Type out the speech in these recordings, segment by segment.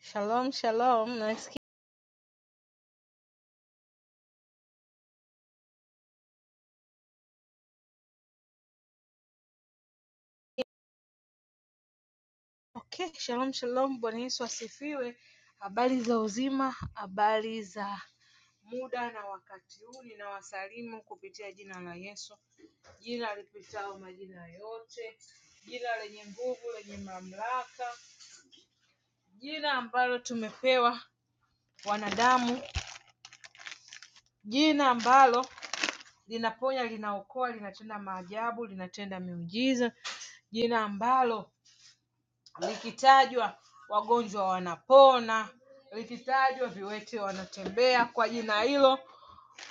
Shalom, shalom. Nasikia. Okay, shalom, shalom. Bwana Yesu asifiwe. Habari za uzima, habari za muda na wakati huu. Ninawasalimu kupitia jina la Yesu, jina lipitao majina yote, jina lenye nguvu, lenye mamlaka, jina ambalo tumepewa wanadamu, jina ambalo linaponya, linaokoa, linatenda maajabu, linatenda miujiza, jina ambalo likitajwa wagonjwa wanapona, likitajwa viwete wanatembea. Kwa jina hilo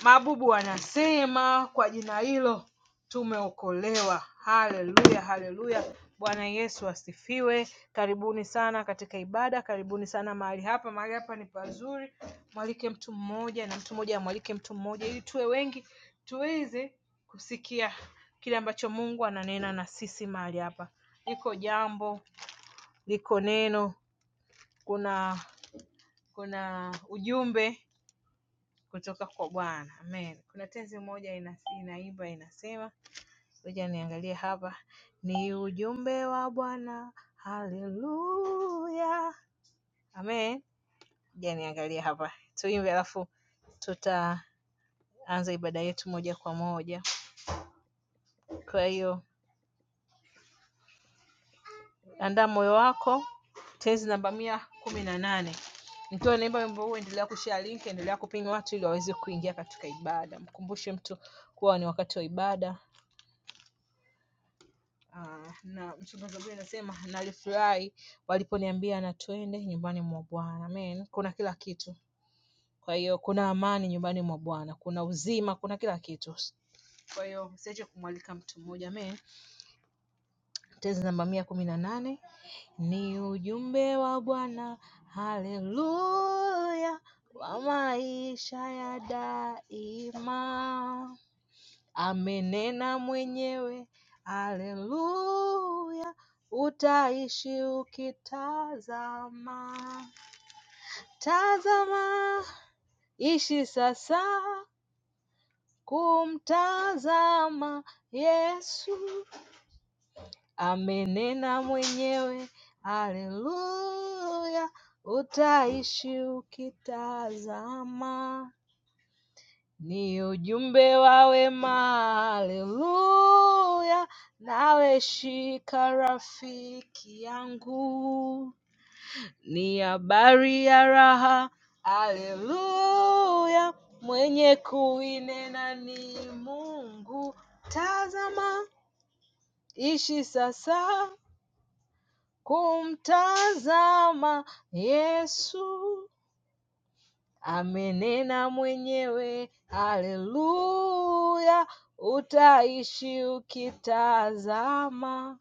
mabubu wanasema, kwa jina hilo tumeokolewa. Haleluya, haleluya. Bwana Yesu asifiwe. Karibuni sana katika ibada, karibuni sana mahali hapa. Mahali hapa ni pazuri, mwalike mtu mmoja na mtu mmoja amwalike mtu mmoja, ili tuwe wengi tuweze kusikia kile ambacho Mungu ananena na sisi mahali hapa. Liko jambo liko neno, kuna kuna ujumbe kutoka kwa Bwana. Amen. Kuna tenzi moja ina, inaimba inasema, ngoja niangalie hapa, ni ujumbe wa Bwana. Haleluya. Amen. Ngoja niangalie hapa, tuimbe alafu tutaanza ibada yetu moja kwa moja. Kwa hiyo Andaa moyo wako, tenzi namba mia kumi na nane. Mtoe neema ya wimbo huu, endelea kushare link, endelea kupinga watu ili waweze kuingia katika ibada. Mkumbushe mtu kuwa ni wakati wa ibada. Ah, na mchungaji Zaburi anasema nalifurahi waliponiambia na twende nyumbani mwa Bwana. Amen. Kuna kila kitu. Kwa hiyo kuna amani nyumbani mwa Bwana, kuna uzima, kuna kila kitu. Kwa hiyo msiache kumwalika mtu mmoja. Amen. Tenzi namba mia kumi na nane Ni ujumbe wa Bwana, haleluya, wa maisha ya daima. Amenena mwenyewe, haleluya, utaishi ukitazama. Tazama, ishi sasa kumtazama Yesu. amenena mwenyewe, haleluya, utaishi ukitazama. Ni ujumbe wa wema, haleluya, nawe shika rafiki yangu. Ni habari ya raha, haleluya, mwenye kuinena ni Mungu. Tazama, ishi sasa kumtazama Yesu. Amenena mwenyewe, haleluya, utaishi ukitazama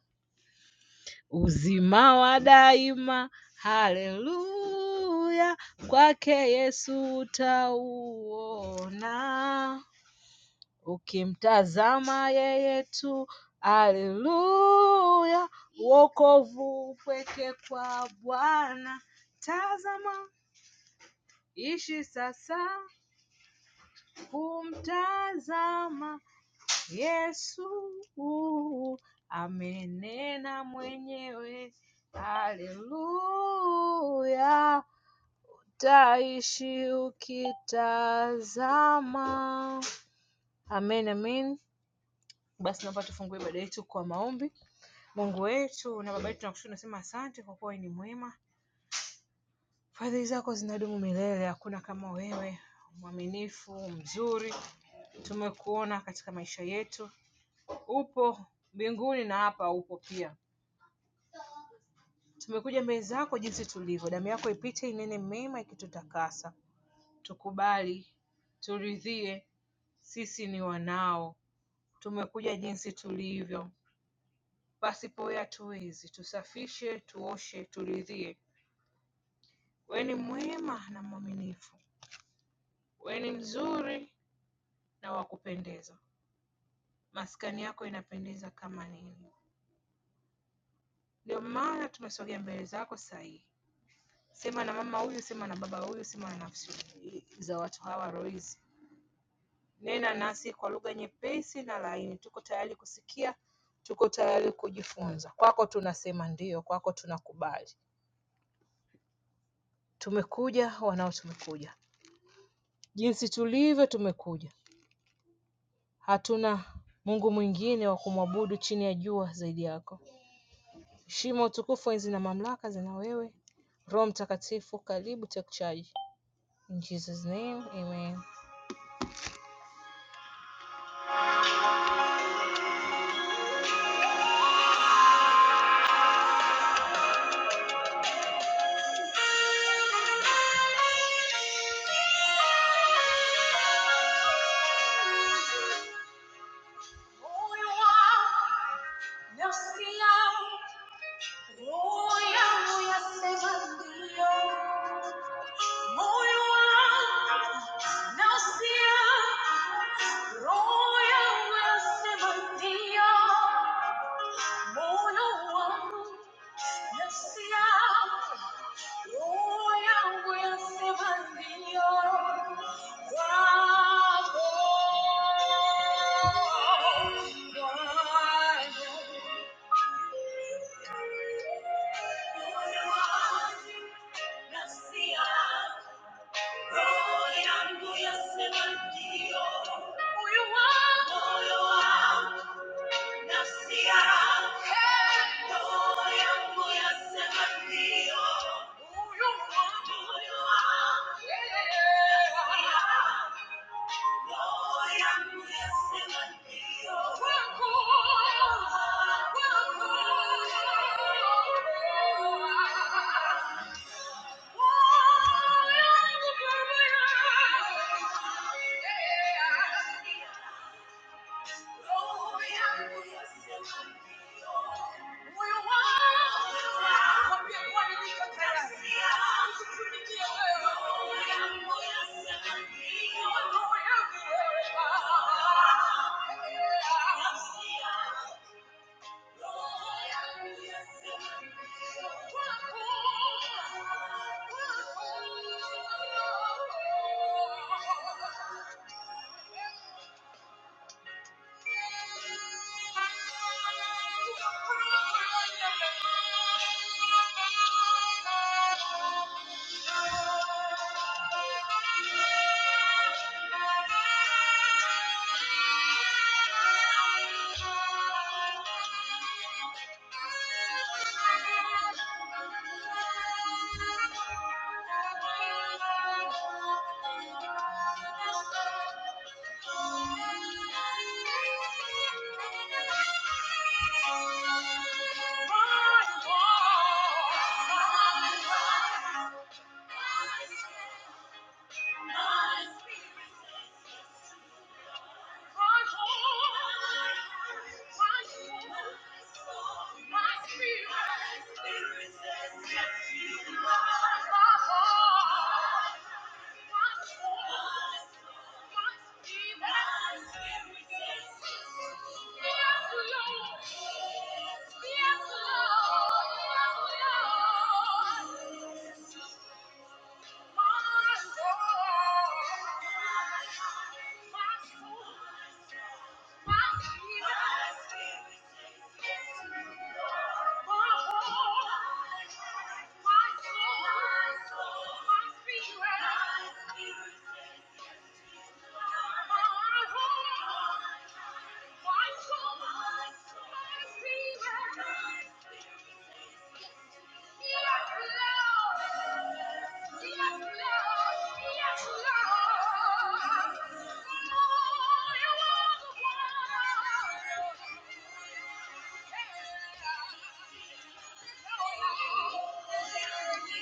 uzima wa daima, haleluya, kwake Yesu utauona. Ukimtazama yeye tu, haleluya, wokovu upweke kwa Bwana. Tazama, ishi sasa kumtazama Yesu, amenena mwenyewe, haleluya, taishi ukitazama. Amen, amen. Basi naomba tufungue ibada yetu kwa maombi. Mungu wetu na Baba yetu tunakushukuru, nasema asante kwa kuwa wewe ni mwema, fadhili zako zinadumu milele, hakuna kama wewe, mwaminifu, mzuri. Tumekuona katika maisha yetu, upo mbinguni na hapa upo pia. Tumekuja mbele zako jinsi tulivyo, damu yako ipite inene mema ikitutakasa. Tukubali, turidhie, sisi ni wanao, tumekuja jinsi tulivyo, pasipo wewe hatuwezi. Tusafishe, tuoshe, turidhie. Wewe ni mwema na mwaminifu. We ni mzuri na wa maskani yako inapendeza kama nini! Ndio maana tumesogea mbele zako saa Sema na mama huyu, sema na baba huyu, sema na nafsi za watu hawa roho Nena nasi kwa lugha nyepesi na laini, tuko tayari kusikia, tuko tayari kujifunza. Kwako tunasema ndio, kwako tunakubali. Tumekuja wanao, tumekuja jinsi tulivyo, tumekuja. Hatuna Mungu mwingine wa kumwabudu chini ya jua zaidi yako. Shimo tukufu enzi na mamlaka zina wewe Roho Mtakatifu karibu take charge in Jesus name amen Moyo wangu Nafsi ya roho yangu yasema ndio. Huyu Mungu ni wangu. Nafsi ya Oh, I'll prove it to you my spirit. Yes, Lord. Yes, Lord. My soul, my spirit, Yes, Lord.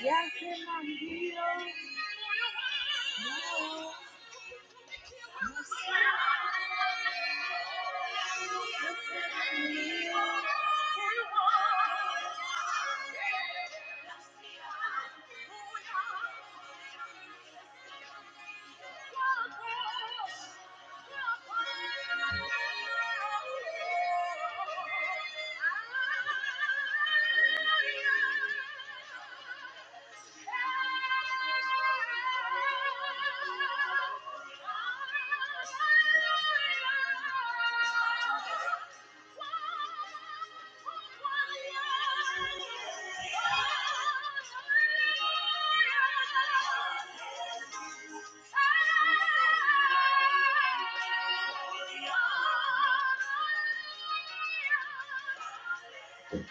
Yes, and I'm healed. No. Yes, and I'm healed. Hallelujah. Thank you.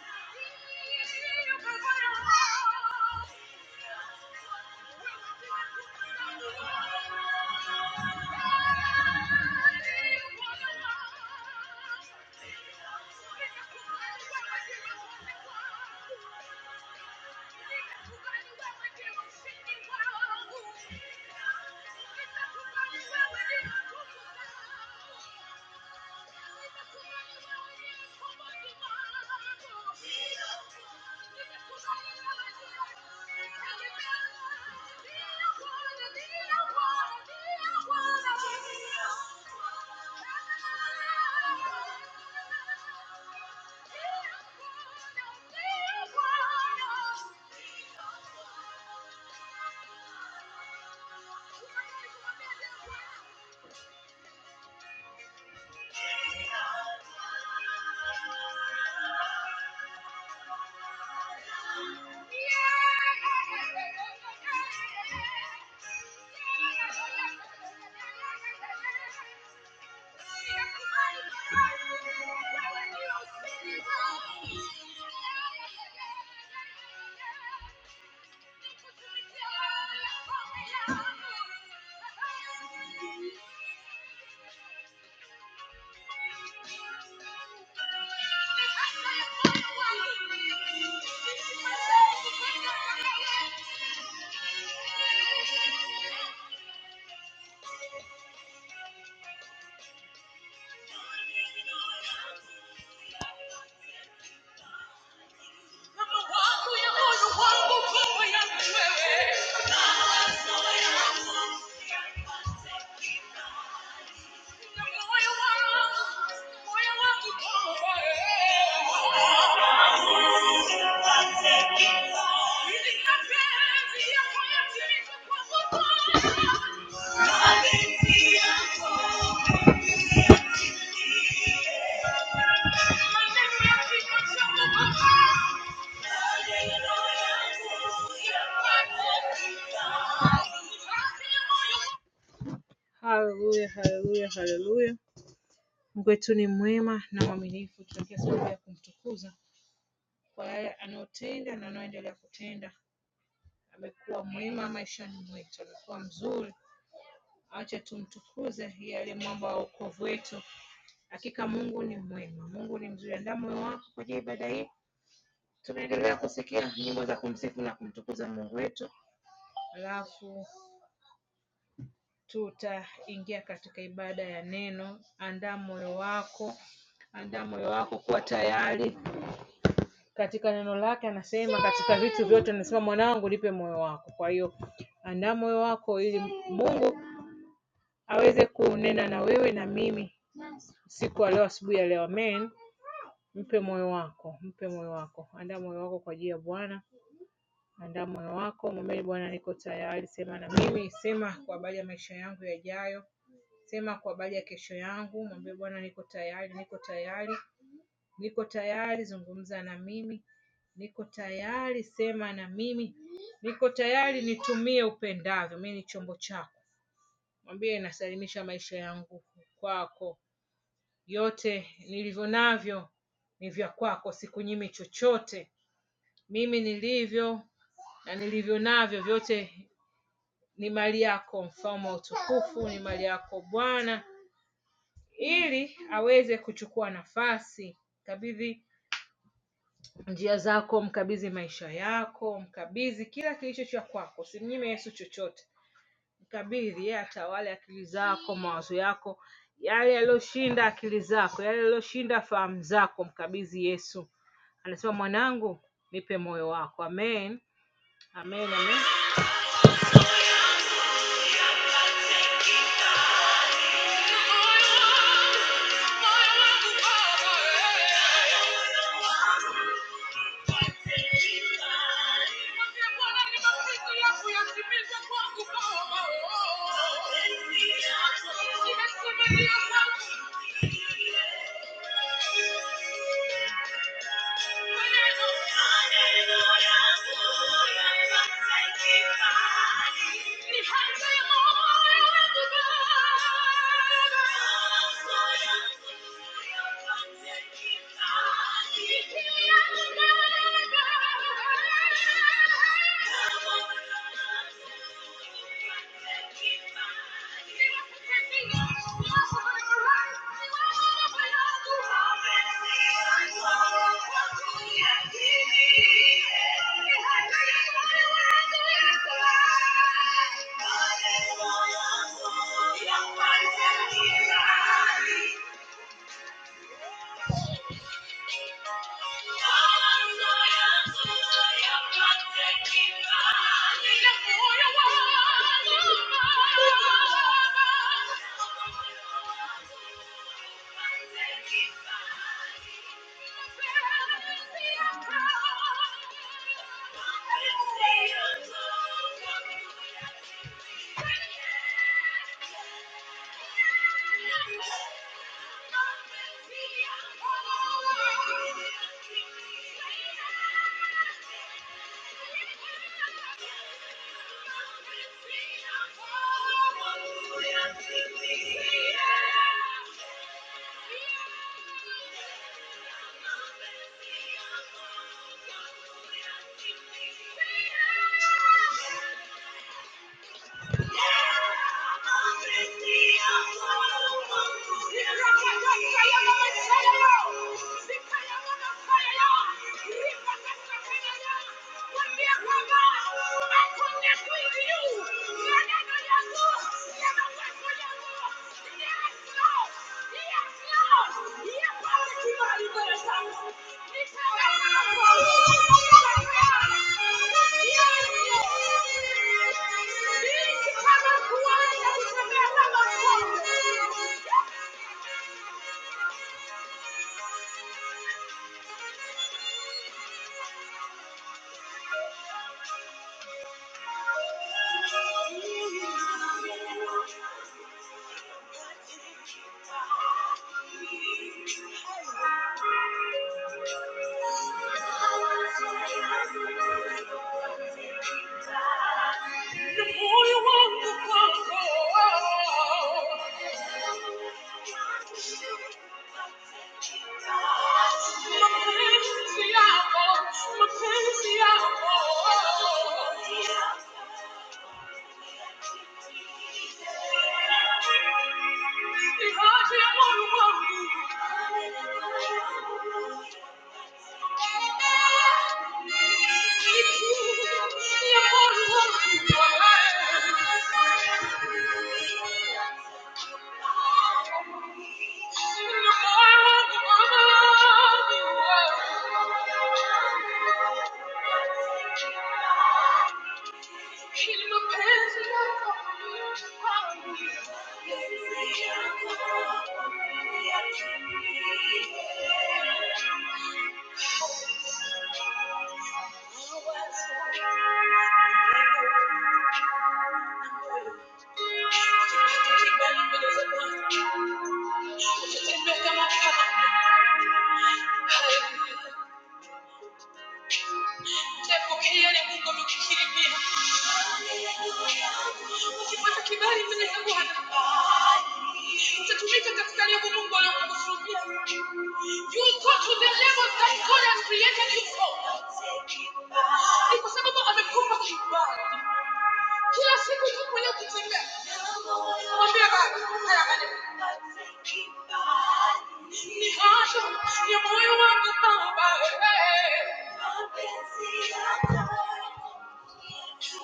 Thank you. Thank you. Yeah. Thank you. Hallelujah, hallelujah, hallelujah. Mkwetu ni mwema na mwaminifu tunapokea sababu ya kumtukuza kwa yale anayotenda na anayoendelea kutenda. Amekuwa mwema maishani mwetu, amekuwa mzuri. Acha tumtukuze yeye aliye mwamba wa wokovu wetu. Hakika Mungu ni mwema, Mungu ni mzuri. Andaa moyo wako kwa ajili ya ibada hii. Tunaendelea kusikia nyimbo za kumsifu na kumtukuza Mungu wetu, alafu tutaingia katika ibada ya neno. Andaa moyo wako, andaa moyo wako tayari katika neno lake anasema katika vitu vyote anasema mwanangu nipe moyo wako kwa hiyo andaa moyo wako ili mungu aweze kunena na wewe na mimi siku ya leo asubuhi ya leo amen mpe moyo wako mpe moyo wako andaa moyo wako kwa ajili ya bwana andaa moyo wako mwambie bwana niko tayari sema na mimi sema kwa habari ya maisha yangu yajayo sema kwa habari ya kesho yangu mwambie bwana niko tayari niko tayari Niko tayari zungumza na mimi niko tayari sema na mimi niko tayari nitumie upendavyo mimi ni chombo chako mwambie nasalimisha maisha yangu kwako yote nilivyo navyo ni vya kwako sikunyimi chochote mimi nilivyo na nilivyo navyo vyote ni mali yako mfalme wa utukufu ni mali yako bwana ili aweze kuchukua nafasi kabidhi njia zako, mkabidhi maisha yako, mkabidhi kila kilicho cha kwako, simnyime Yesu chochote. Mkabidhi yeye, atawale akili zako, mawazo yako, yale yaliyoshinda akili zako, yale yaliyoshinda fahamu zako, mkabidhi Yesu. Anasema mwanangu, nipe moyo wako. Amen, amen, amen. Thank you. Hallelujah. Thank you. Yeah. I connect with you. Thank you. My fancy, I want. Thank you. Hallelujah. Mungu amekukirimia. Ukipata kibali mbele za Bwana, utatumika katika lengo Mungu alilokusudia. You go to the levels that God has created you for. Ni kwa sababu amekupa kibali. Kila siku tu mwenye Mwambie Baba, haya maneno. Ni haja ya moyo wangu Baba.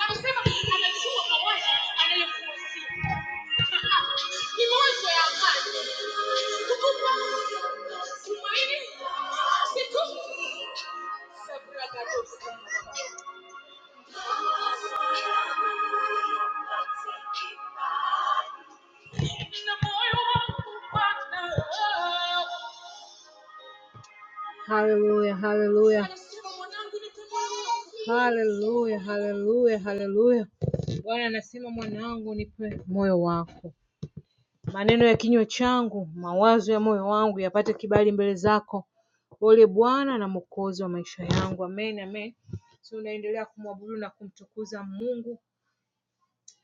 Amesema anajua mawazo anayokuwazia. Ni mawazo ya amani, kukupa tumaini siku za mragadufu. Nina moyo wa kupanda. Hallelujah, hallelujah. Hallelujah, hallelujah, hallelujah. Bwana anasema mwanangu, nipe moyo wako. Maneno ya kinywa changu, mawazo ya moyo wangu yapate kibali mbele zako. Ole Bwana na Mwokozi wa maisha yangu. Amen, amen. Tunaendelea kumwabudu na kumtukuza Mungu,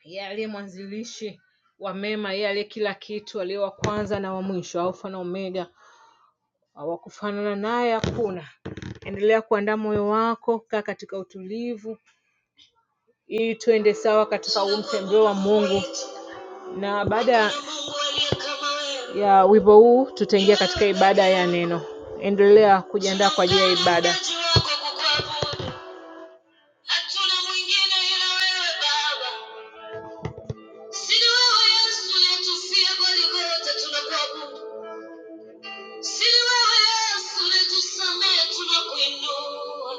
yeye aliye mwanzilishi wa mema, yeye aliye kila kitu, aliye wa kwanza na wa mwisho, Alfa na Omega. Wakufanana naye hakuna. Endelea kuandaa moyo wako, kaa katika utulivu ili tuende sawa katika huu mtembeo wa Mungu. Na baada ya wimbo huu tutaingia katika ibada ya neno. Endelea kujiandaa kwa ajili ya ibada. Hatuna wewe Si Yesu Si tunakuinua.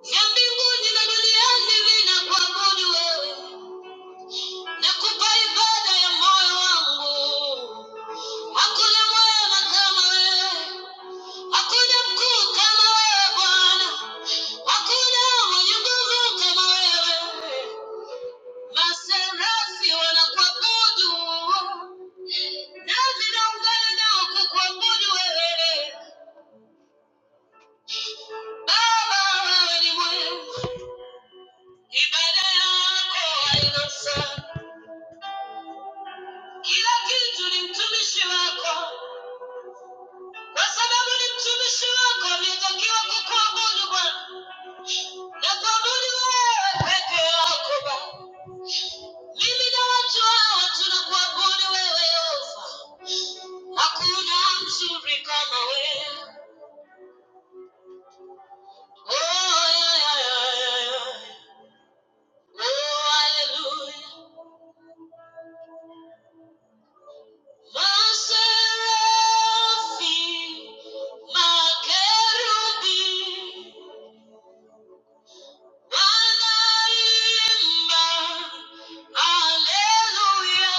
Mbinguni na duniani ninakuabudu wewe. Nakupa ibada ya moyo wangu. Hakuna mwema kama wewe. Hakuna mkuu kama wewe Bwana. Hakuna mwenye nguvu kama wewe. Maserafi wanakuabudu. Nami naungana nao kukuabudu wewe. Baba, wewe ni mwema. Ibada yako haina mfano. Kila Oh, ya, ya, ya, ya, Oh, hallelujah. Maserafi, makerubi Wanaimba, Haleluya,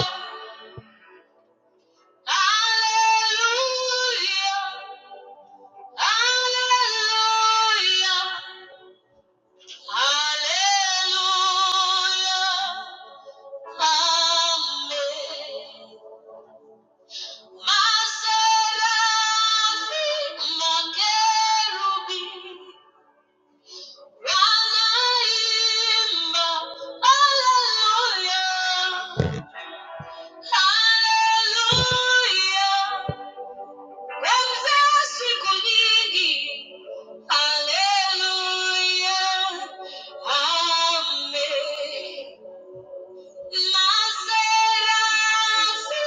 Haleluya, Haleluya. Wanaimba, haleluya, haleluya. Wenzao siku nyingi, haleluya, amen. Maserasi,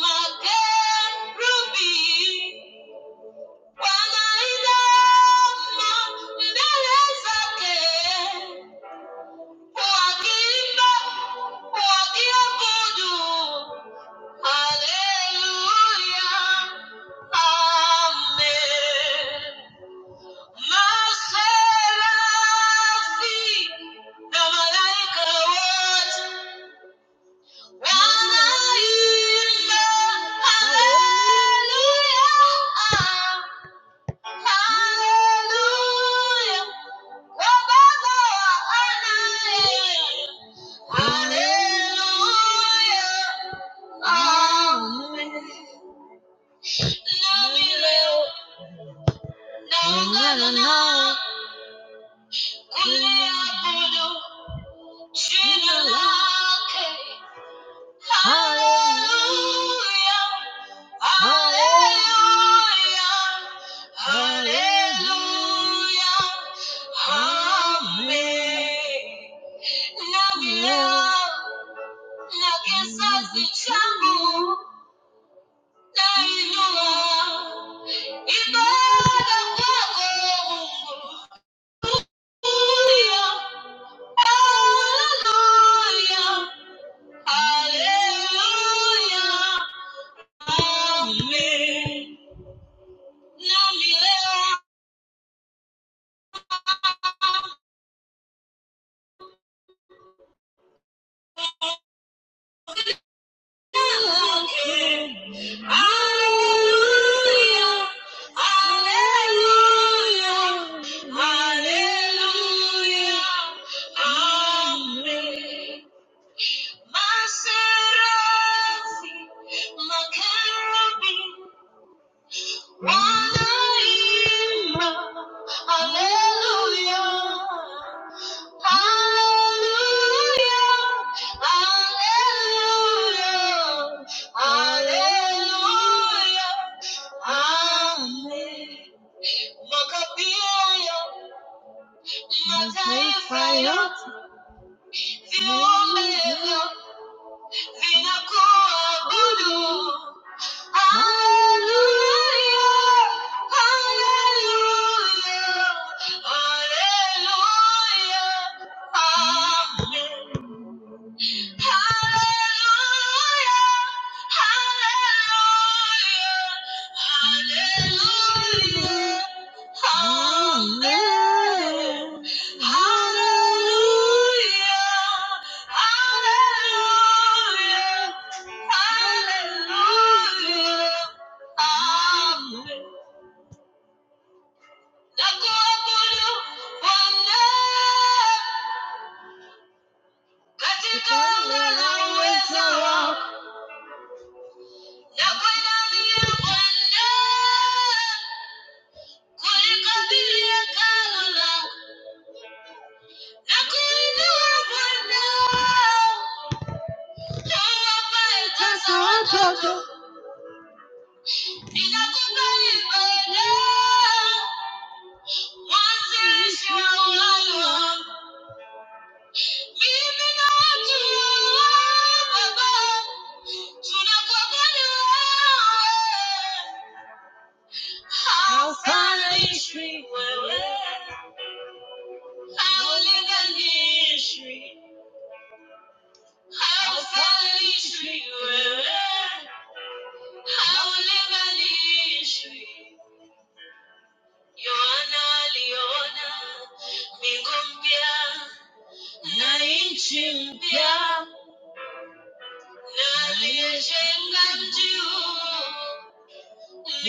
makerubi, wanainama mbele zake. Hallelujah. Hallelujah. Wababa wa anaye. Hallelujah. Amen. Nami leo. Naungana nao. Kuliabudu jina lake. Hallelujah. Hallelujah. Hallelujah. Amen. Namia, na kizazi changu nainua ibada kwako Mungu. hallelujah, hallelujah. Hallelujah. Mataifa yote vinakuabudu, Hallelujah. Hallelujah. Hallelujah. Amen. Katika uwezo wako Thank you. How far is she? How little is she? How far is she? How little is she? Yohana aliona mbingu mpya.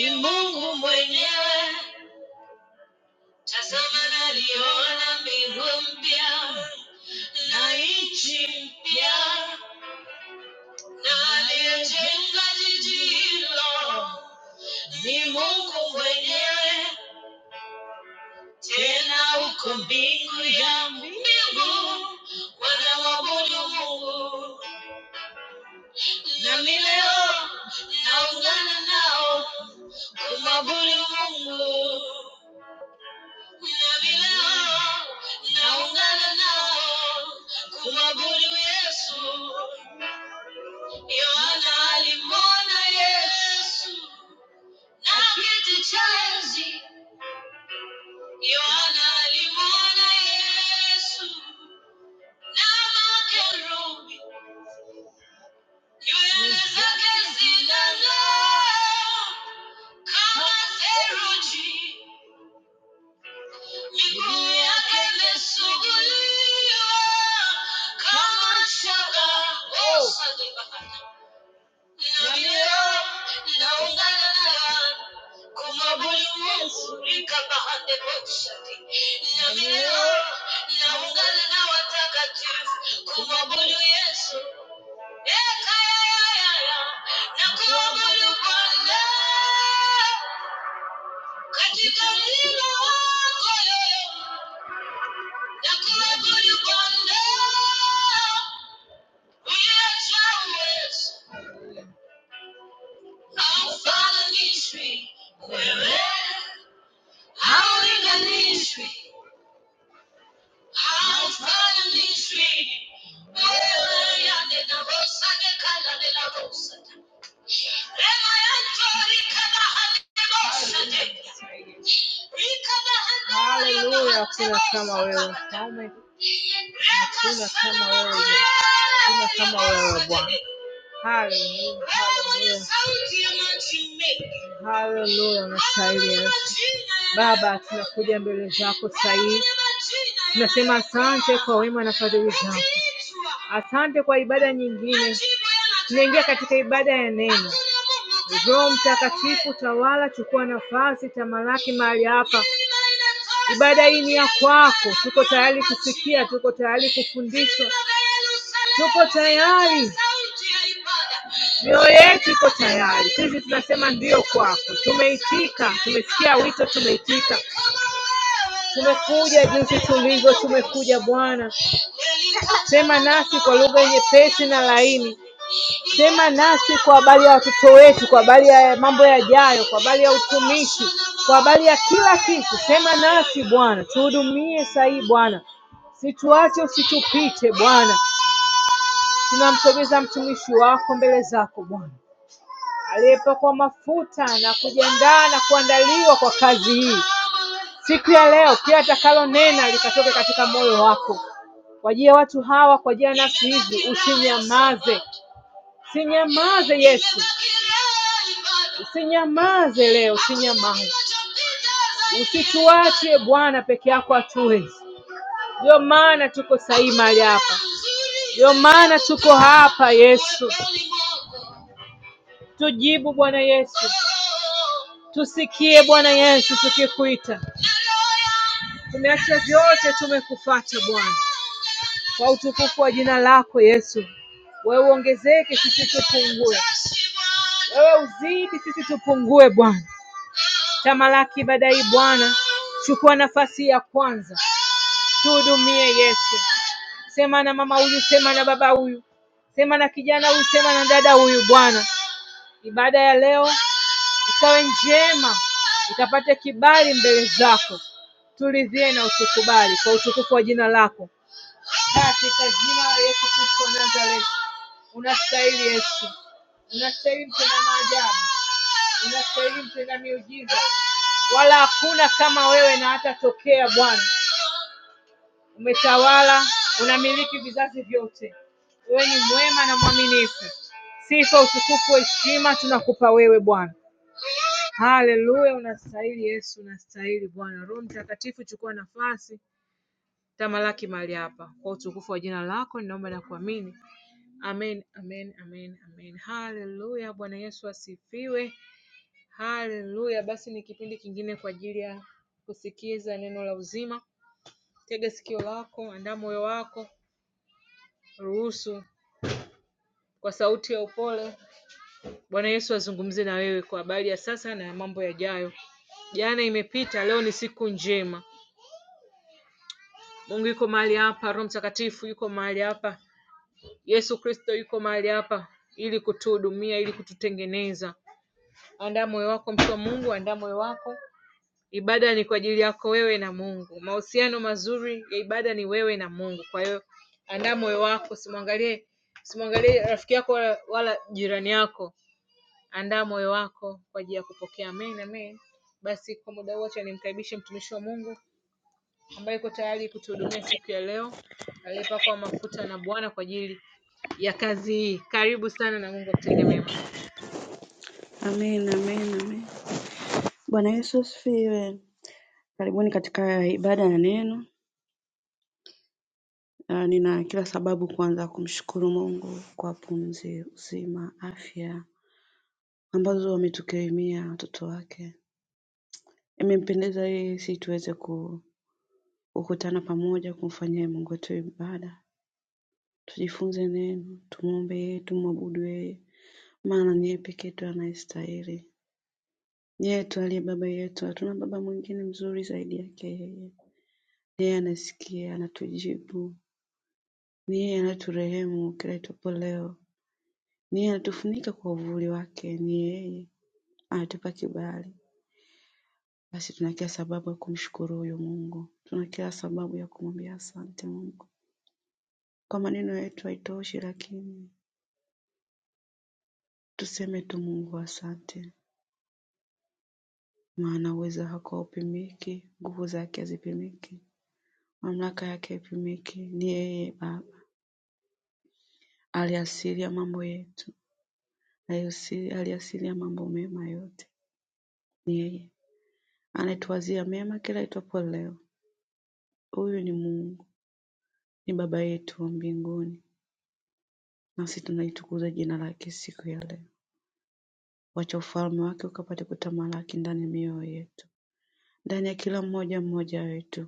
Ni Mungu mwenyewe hilo, Mungu mwenyewe tena uko mbingu ya mbingu, wanamwabudu Mungu Nami leo naungana nao kumwabudu Mungu. Nami leo naungana nao kumwabudu Yesu. Yohana alimwona Yesu na kiti cha enzi. Yohana alimwona Yesu na makerubi, nywele zake zinang'aa kama theluji. kumwabudu katika wino wako Hallelujah, Kuna kama wewe mfalme, hakuna kama wewe, hakuna kama wewe Bwana. Hallelujah. Hallelujah. Hallelujah na sahihi. Baba, tunakuja mbele zako sahihi, tunasema asante kwa wema na fadhili zako, asante kwa ibada nyingine. Tunaingia katika ibada ya neno. Roho Mtakatifu, tawala, chukua nafasi, tamalaki mahali hapa. Ibada hii ni ya kwako, tuko tayari kusikia, tuko tayari kufundishwa, tuko tayari Mioyo yetu iko tayari, sisi tunasema ndiyo kwako. Tumeitika, tumesikia wito, tumeitika. Tumekuja jinsi tulivyo, tumekuja Bwana. Sema nasi kwa lugha nyepesi na laini. Sema nasi kwa habari ya watoto wetu, kwa habari ya mambo yajayo, kwa habari ya utumishi, kwa habari ya kila kitu. Sema nasi Bwana, tuhudumie sahihi Bwana, situache, usitupite Bwana. Tunamsogeza mtumishi wako mbele zako Bwana aliyepakwa mafuta na kujiandaa na kuandaliwa kwa kazi hii. Siku ya leo kila atakalonena likatoke katika moyo wako kwa ajili ya watu hawa, kwa ajili ya nafsi hizi. Usinyamaze, usinyamaze Yesu, usinyamaze leo, usinyamaze, usituache Bwana peke yako atuwe. Ndio maana tuko sahi mahali hapa, ndio maana tuko hapa Yesu. Tujibu Bwana Yesu, Tusikie Bwana Yesu tukikuita, tumeacha vyote tumekufuata Bwana, kwa utukufu wa jina lako Yesu. Wewe uongezeke, sisi tupungue. Wewe uzidi, sisi tupungue Bwana. Tamalaki ibada hii Bwana, chukua nafasi ya kwanza, tuhudumie Yesu. Sema na mama huyu, sema na baba huyu, sema na kijana huyu, sema na dada huyu Bwana. Ibada ya leo ikawe njema, ikapate kibali mbele zako, tulidhie na utukubali kwa utukufu wa jina lako, katika jina la Yesu Kristo wa Nazareti. Unastahili Yesu, unastahili mtenda maajabu, unastahili mtenda miujiza, wala hakuna kama wewe na hata tokea. Bwana, umetawala, unamiliki vizazi vyote, wewe ni mwema na mwaminifu. Sifa, utukufu, heshima tunakupa wewe Bwana. Haleluya, unastahili Yesu, unastahili Bwana. Roho Mtakatifu, chukua nafasi, tamalaki mahali hapa kwa utukufu wa jina lako, ninaomba na kuamini. Amen, amen, amen, amen. Haleluya, Bwana Yesu asifiwe. Haleluya. Basi ni kipindi kingine kwa ajili ya kusikiza neno la uzima. Tega sikio lako, andaa moyo wako, ruhusu kwa sauti ya upole Bwana Yesu azungumze na wewe kwa habari ya sasa na ya mambo yajayo. Jana imepita, leo ni siku njema. Mungu yuko mahali hapa, Roho Mtakatifu yuko mahali hapa, Yesu Kristo yuko mahali hapa ili kutuhudumia, ili kututengeneza. Andaa moyo wako, mtu wa Mungu, andaa moyo wako. Ibada ni kwa ajili yako wewe na Mungu. Mahusiano mazuri ya ibada ni wewe na Mungu. Kwa hiyo andaa moyo wako, simwangalie simwangalie rafiki yako wala, wala jirani yako. Andaa moyo wako kwa ajili ya kupokea. Amen, amen. Basi kwa muda wote nimkaribishe mtumishi wa Mungu ambaye yuko tayari kutuhudumia siku ya leo, aliyepakwa mafuta na Bwana kwa ajili ya kazi hii. Karibu sana na Mungu akutende mema. Amen, amen, amen. Bwana Yesu asifiwe. Karibuni katika ibada ya neno. Ah, Nina kila sababu kwanza kumshukuru Mungu kwa pumzi, uzima, afya ambazo ametukirimia watoto wake. Imempendeza yeye si tuweze ku- kukutana pamoja kumfanyia Mungu wetu ibada, tujifunze neno, tumwombe yeye, tumwabudu yeye, maana ni yeye pekee yetu anayestahili. Ni Yeye tu aliye baba yetu, hatuna baba mwingine mzuri zaidi yake yeye. Ni Yeye anasikia, anatujibu, ni yeye anaturehemu kila itwapo leo, ni yeye anatufunika kwa uvuli wake, ni yeye anatupa kibali. Basi tuna kila sababu ya kumshukuru huyu Mungu, tuna kila sababu ya kumwambia asante Mungu. Kwa maneno yetu haitoshi, lakini tuseme tu Mungu asante, maana uwezo wako haupimiki, nguvu zake hazipimiki, mamlaka yake haipimiki. Ni yeye Baba aliasilia mambo yetu, aliasilia mambo mema yote Ni yeye anetuwazia mema kila itwapo leo. Huyu ni Mungu, ni Baba yetu wa mbinguni, nasi tunalitukuza jina lake siku ya leo. Wacha ufalme wake ukapate kutamalaki ndani ya mioyo yetu, ndani ya kila mmoja mmoja wetu,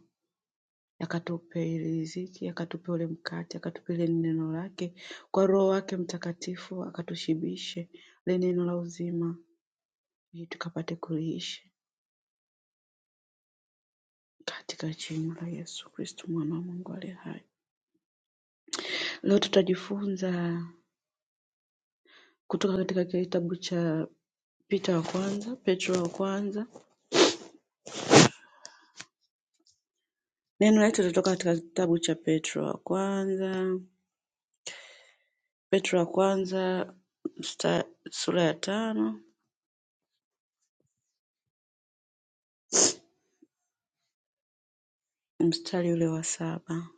akatupe ile riziki, akatupe ule mkate, akatupe ile neno lake kwa Roho wake Mtakatifu, akatushibishe ile neno la uzima, ili tukapate kuliishi katika jina la Yesu Kristo mwana wa Mungu aliye hai. Leo tutajifunza kutoka katika kitabu cha Peter wa kwanza, Petro wa kwanza. Neno letu litatoka katika kitabu cha Petro wa kwanza, Petro wa kwanza msta, sura ya tano mstari ule wa saba.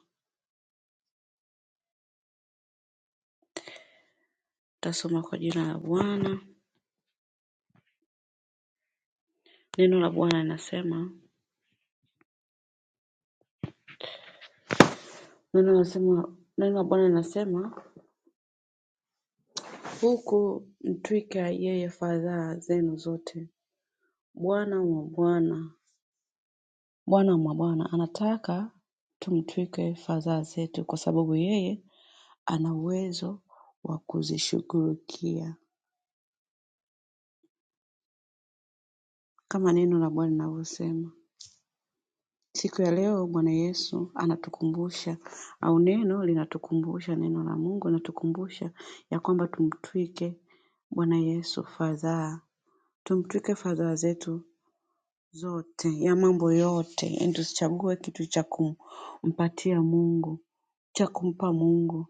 Tutasoma kwa jina la Bwana. Neno la Bwana linasema neno linasema neno la Bwana linasema huku mtwika yeye fadhaa zenu zote. Bwana mwa Bwana, Bwana mwa Bwana anataka tumtwike fadhaa zetu, kwa sababu yeye ana uwezo wa kuzishughulikia kama neno la Bwana linavyosema. Siku ya leo Bwana Yesu anatukumbusha au neno linatukumbusha, neno la Mungu linatukumbusha ya kwamba tumtwike Bwana Yesu fadhaa, tumtwike fadhaa zetu zote ya mambo yote, yaani tusichague kitu cha kumpatia Mungu, cha kumpa Mungu.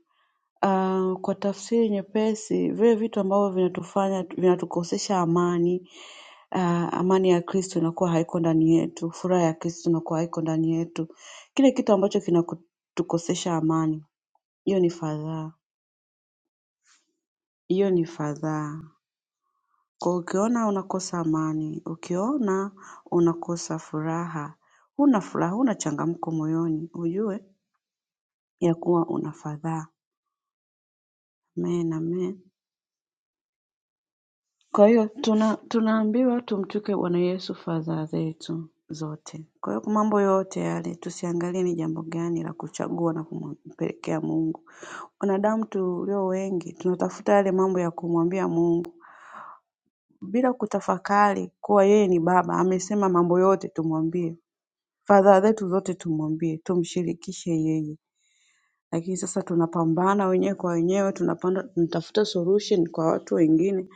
Ah, kwa tafsiri nyepesi, vile vitu ambavyo vinatufanya vinatukosesha amani ah, amani ya Kristo inakuwa haiko ndani yetu, furaha ya Kristo inakuwa haiko ndani yetu. Kile kitu ambacho kinatukosesha amani, hiyo ni fadhaa, hiyo ni fadhaa. Kwa ukiona unakosa amani, ukiona unakosa furaha, huna furaha, huna changamko moyoni, ujue ya kuwa una fadhaa. Amen, amen. Kwa hiyo tuna tunaambiwa tumtuke Bwana Yesu fadhaa zetu zote. Kwa hiyo kwa mambo yote yale tusiangalie ni jambo gani la kuchagua na kumpelekea Mungu. Wanadamu tulio wengi tunatafuta yale mambo ya kumwambia Mungu bila kutafakari kuwa yeye ni Baba, amesema mambo yote tumwambie, fadhaa zetu zote tumwambie, tumshirikishe yeye lakini sasa tunapambana wenyewe kwa wenyewe, tunapanda tunatafuta solution kwa watu wengine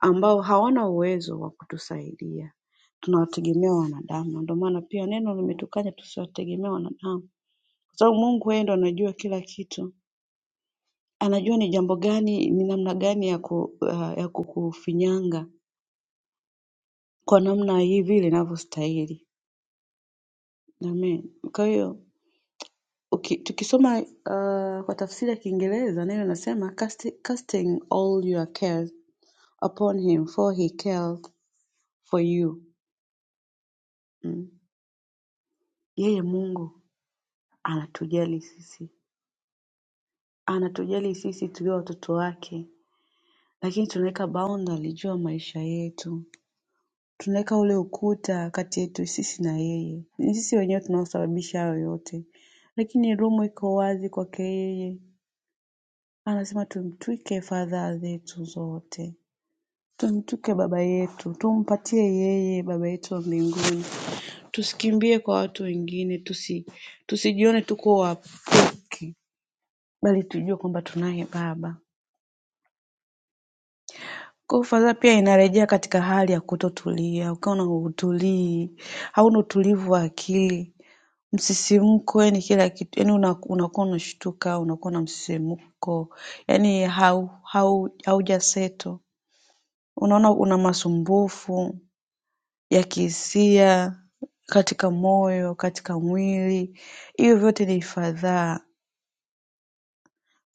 ambao hawana uwezo wa kutusaidia. Tunawategemea wanadamu, ndio maana pia neno limetukanya tusiwategemee wanadamu, kwa sababu Mungu yeye ndo anajua kila kitu, anajua ni jambo gani, ni namna gani ya ku, uh, ya kukufinyanga kwa namna hii vile inavyostahili. Amen. Kwa hiyo uki, tukisoma uh, kwa tafsiri ya Kiingereza neno linasema casting, casting all your cares upon him for he cared for you mm. Yeye Mungu anatujali sisi, anatujali sisi tulio watoto wake, lakini tunaweka boundary juu ya maisha yetu, tunaweka ule ukuta kati yetu sisi na yeye. Ni sisi wenyewe tunaosababisha hayo yote, lakini room iko wazi kwake yeye. Anasema tumtwike fadhaa zetu zote, tumtwike baba yetu, tumpatie yeye baba yetu wa mbinguni Tusikimbie kwa watu wengine, tusi, tusijione tuko wapweke bali tujue kwamba tunaye Baba. Kwa hiyo fadhaa pia inarejea katika hali ya kutotulia, ukawa na utulii, hauna utulivu wa akili, msisimko, yani kila kitu, yani una- unakuwa unashtuka, unakuwa na msisimko, yani hau hau haujaseto, unaona una masumbufu ya kihisia katika moyo, katika mwili, hivyo vyote ni fadhaa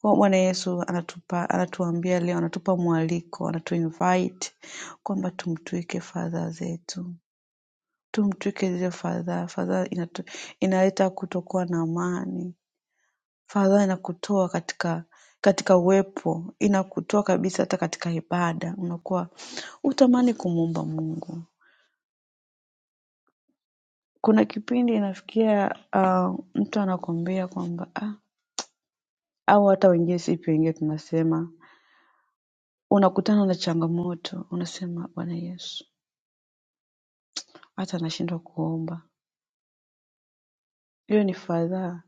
Kwa Bwana Yesu anatupa anatuambia leo, anatupa mwaliko, anatuinvite kwamba tumtwike fadhaa zetu, tumtwike zile fadhaa. Fadhaa inatu- inaleta kutokuwa na amani, fadhaa inakutoa katika katika uwepo, inakutoa kabisa hata katika ibada, unakuwa utamani kumuomba Mungu. Kuna kipindi inafikia ah, mtu anakwambia kwamba ah, au hata wengine sisi pia wengine tunasema unakutana na changamoto unasema bwana yesu hata nashindwa kuomba hiyo ni fadhaa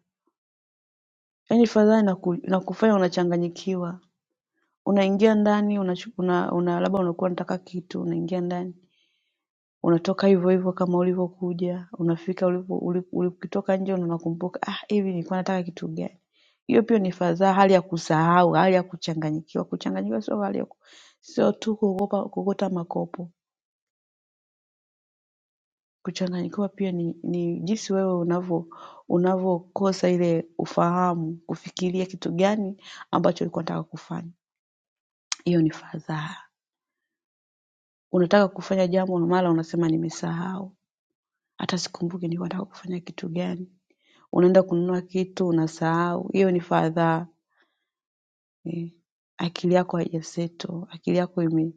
yaani fadhaa inaku, inakufanya unachanganyikiwa unaingia ndani una, una, una labda unakuwa unataka kitu unaingia ndani unatoka hivyo hivyo kama ulivyokuja unafika ulipo- uli- ulipokitoka nje ndo unakumbuka ah hivi nilikuwa nataka kitu gani hiyo pia ni fadhaa hali ya kusahau hali ya kuchanganyikiwa kuchanganyikiwa sio hali ya ku- sio tu kuogopa kuokota makopo Kuchanganyikiwa pia ni ni jinsi wewe unavyo unavyokosa ile ufahamu kufikiria kitu gani ambacho ulikuwa unataka kufanya. Hiyo ni fadhaa. Unataka kufanya jambo na mara unasema nimesahau. Hata sikumbuki nilikuwa nataka kufanya kitu gani. Unaenda kununua kitu unasahau. Hiyo ni fadhaa. Eh, Akili yako haijasettle. Akili yako ime,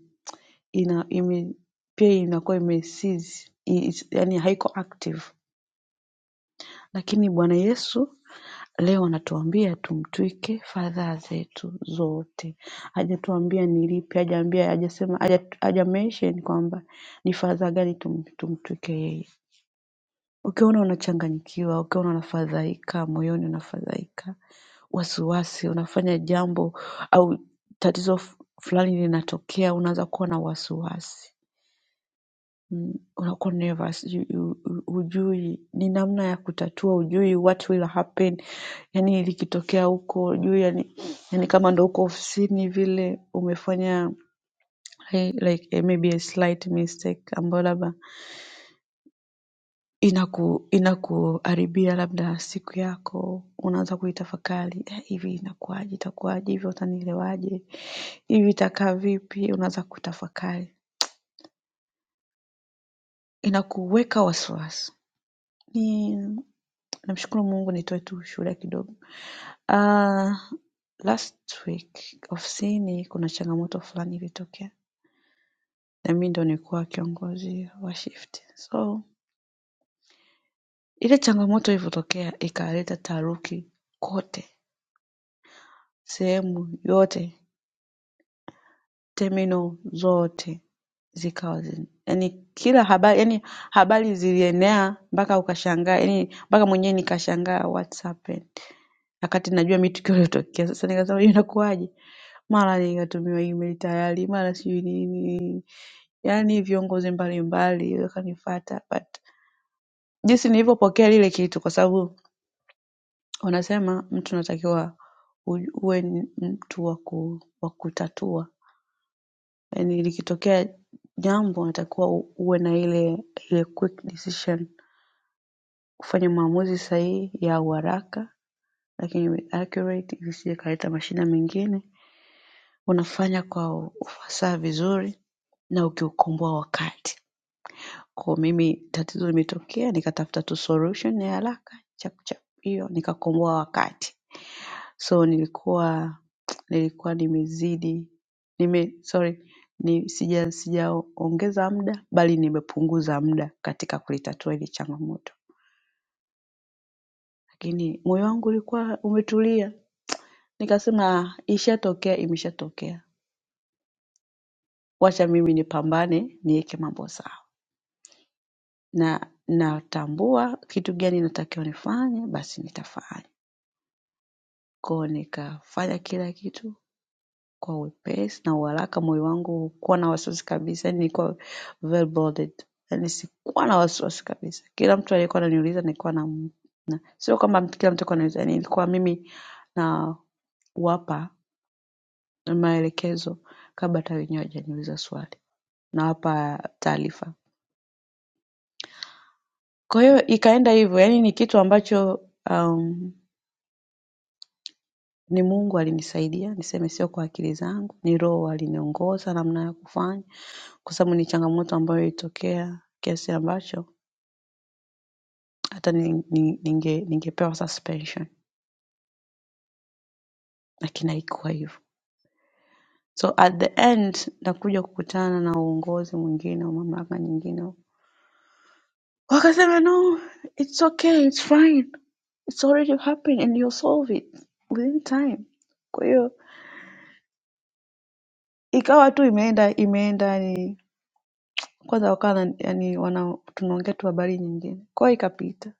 ina, ime pia inakuwa imesize. Yaani haiko active. Lakini Bwana Yesu Leo anatuambia tumtwike fadhaa zetu zote. Hajatuambia ni lipi, hajaambia hajasema haja- hajamention kwamba ni fadhaa gani tum, tumtwike yeye. Ukiona unachanganyikiwa, ukiona unafadhaika, moyoni unafadhaika, wasiwasi, unafanya jambo au tatizo fu- fulani linatokea, unaanza kuwa na wasiwasi. Mm, unakuwa nervous you, you, you- hujui ni namna ya kutatua hujui what will happen yani likitokea huko hujui yani, yani kama ndo huko ofisini vile umefanya hey, like eh, maybe a slight mistake ambayo labda inaku inakuharibia labda siku yako unaanza kuitafakari eh, hivi inakuwaje itakuwaje hivi utanielewaje hivi itakaa vipi unaanza kutafakari inakuweka wasiwasi ni Namshukuru Mungu nitoe tu ushuhuda kidogo. Ah, last week ofisini kuna changamoto fulani ilitokea na mimi ndo nilikuwa kiongozi wa shift. So ile changamoto ilivyotokea ikaleta taharuki kote, sehemu yote, terminal zote zikawa zin- yani kila habari yani habari zilienea mpaka ukashangaa yani mpaka mwenyewe nikashangaa what's happened wakati najua mimi tukio lilotokea. Sasa nikasema hiyo inakuwaje? Mara nikatumiwa email tayari, mara sijui nini. Yaani viongozi mbalimbali wakanifuata but jinsi nilivyopokea lile kitu kwa sababu wanasema mtu unatakiwa u- uwe ni mtu wa ku, wa kutatua. Yaani likitokea jambo unatakiwa u- uwe na ile ile quick decision, kufanya maamuzi sahihi ya uharaka lakini accurate isije ikaleta mashida mengine unafanya kwa ufasaha vizuri na ukiukomboa wakati. Kwa mimi tatizo limetokea nikatafuta tu solution ya haraka chap chap hiyo nikakomboa wakati. So nilikuwa nilikuwa nimezidi nime sorry ni sija sijaongeza muda bali nimepunguza muda katika kulitatua hili changamoto. Lakini moyo wangu ulikuwa umetulia nikasema "Ah, ishatokea imeshatokea. Wacha mimi nipambane niweke mambo sawa. na natambua kitu gani natakiwa nifanye basi nitafanya. Kwa hiyo nikafanya kila kitu kwa wepesi na uharaka, moyo wangu haukuwa na wasiwasi kabisa, yani nilikuwa well boarded. Yani sikuwa na wasiwasi kabisa. Kila mtu aliyekuwa ananiuliza nilikuwa na, na sio kwamba mtu- kila mtu alikuwa ananiuliza, yani ilikuwa mimi na wapa maelekezo kabla hata wenyewe hawajaniuliza swali, nawapa taarifa. Kwa hiyo ikaenda hivyo, yani ni kitu ambacho um, Ni Mungu alinisaidia niseme, sio kwa akili zangu, ni Roho aliniongoza namna ya kufanya, kwa sababu ni changamoto ambayo ilitokea kiasi ambacho hata ni- ni- ninge- ningepewa suspension, lakini haikuwa hivyo. So at the end nakuja kukutana na uongozi mwingine wa mamlaka nyingine, wakasema no, it's okay, it's fine, it's already happened and you'll solve it within time. Kwa hiyo ikawa tu imeenda imeenda kwanza wakawa wana- yani wana tunaongea tu habari nyingine. Kwa hiyo ikapita.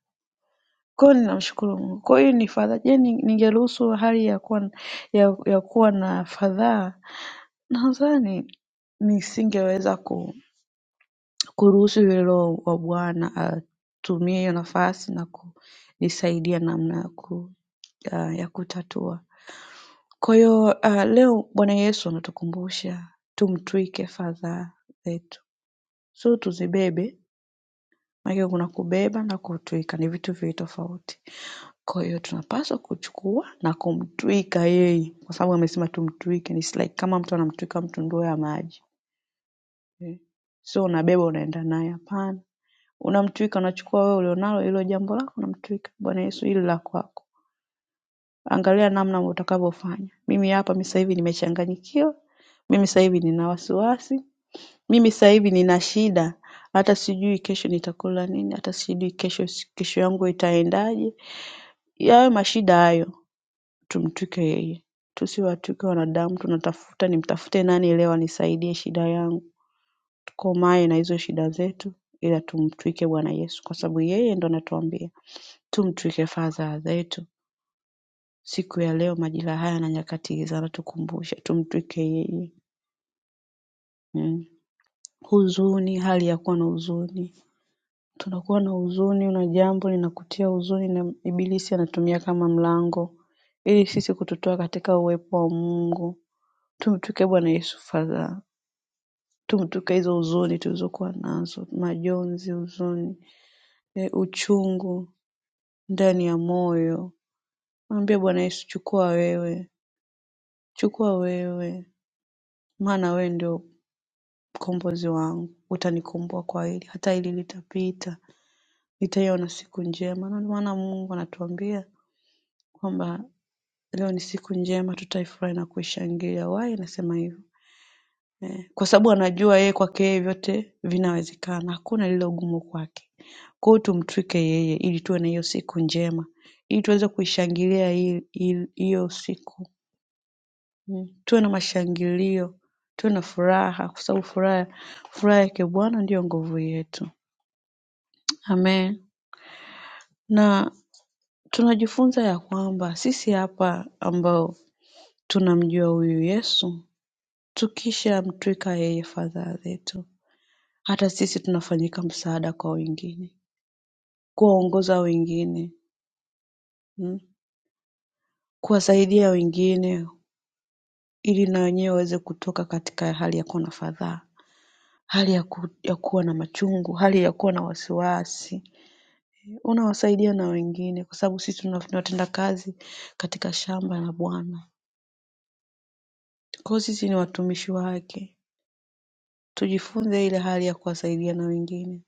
Kwa hiyo ninamshukuru Mungu. Kwa hiyo ni fadhaa. Je, ni- ningeruhusu hali ya kuwa ya, ya kuwa na fadhaa nadhani nisingeweza ku, kuruhusu yule Roho wa Bwana atumie hiyo nafasi na kunisaidia namna ya ku, uh, ya kutatua. Kwa hiyo uh, leo Bwana Yesu anatukumbusha tumtwike fadhaa zetu, sio tuzibebe Maanake kuna kubeba na kutwika ni vitu viwili tofauti. Kwa hiyo tunapaswa kuchukua na kumtwika yeye kwa sababu amesema tumtwike. It's like kama mtu anamtwika mtu ndoo ya maji. Eh, Sio unabeba unaenda naye hapana. Unamtwika unachukua wewe ulionalo hilo jambo lako unamtwika. Bwana Yesu hili la kwako. Angalia namna utakavyofanya. Mimi hapa mimi sasa hivi nimechanganyikiwa. Mimi sasa hivi nina wasiwasi. Mimi sasa hivi nina shida, hata sijui kesho nitakula nini, hata sijui kesho kesho yangu itaendaje. Hayo mashida hayo, tumtwike yeye. Tusiwatwike wanadamu, tunatafuta nimtafute nani leo anisaidie shida yangu. Tukomae na hizo shida zetu ila tumtwike Bwana Yesu kwa sababu yeye ndo anatuambia tumtwike fadhaa zetu. Siku ya leo majira haya na nyakati hizi anatukumbusha tumtwike yeye. Mm. Huzuni, hali ya kuwa na huzuni tunakuwa na huzuni na jambo linakutia huzuni na ibilisi anatumia kama mlango ili sisi kututoa katika uwepo wa Mungu. Tumtuke Bwana Yesu fadhaa, tumtuke hizo huzuni tulizokuwa nazo, majonzi, huzuni, e, uchungu ndani ya moyo. Mwambie Bwana Yesu, chukua wewe, chukua wewe, maana wewe ndio mkombozi wangu, utanikomboa kwa hili, hata hili litapita, nitaiona siku njema. Na Ndio maana Mungu anatuambia kwamba leo ni siku njema, tutaifurahi na kuishangilia. Why anasema hivyo? Eh, kwa sababu anajua yeye kwake yeye vyote vinawezekana, hakuna lilo gumu kwake. Kwa hiyo tumtwike yeye ili tuwe na hiyo siku njema, ili tuweze kuishangilia hii- hii- hiyo siku mm. Tuwe na mashangilio, tuwe na furaha, kwa sababu furaha furaha yake Bwana ndiyo nguvu yetu. Amen. Na tunajifunza ya kwamba sisi hapa ambao tunamjua huyu Yesu Tukishamtwika yeye fadhaa zetu, hata sisi tunafanyika msaada kwa wengine, kuwaongoza wengine mm, kuwasaidia wengine ili na wenyewe waweze kutoka katika hali ya kuwa na fadhaa, hali ya, ku, ya kuwa na machungu, hali ya kuwa na wasiwasi. Unawasaidia na wengine kwa sababu sisi tuna- tunatenda kazi katika shamba la Bwana. Kwa hiyo sisi ni watumishi wake, tujifunze ile hali ya kuwasaidia na wengine.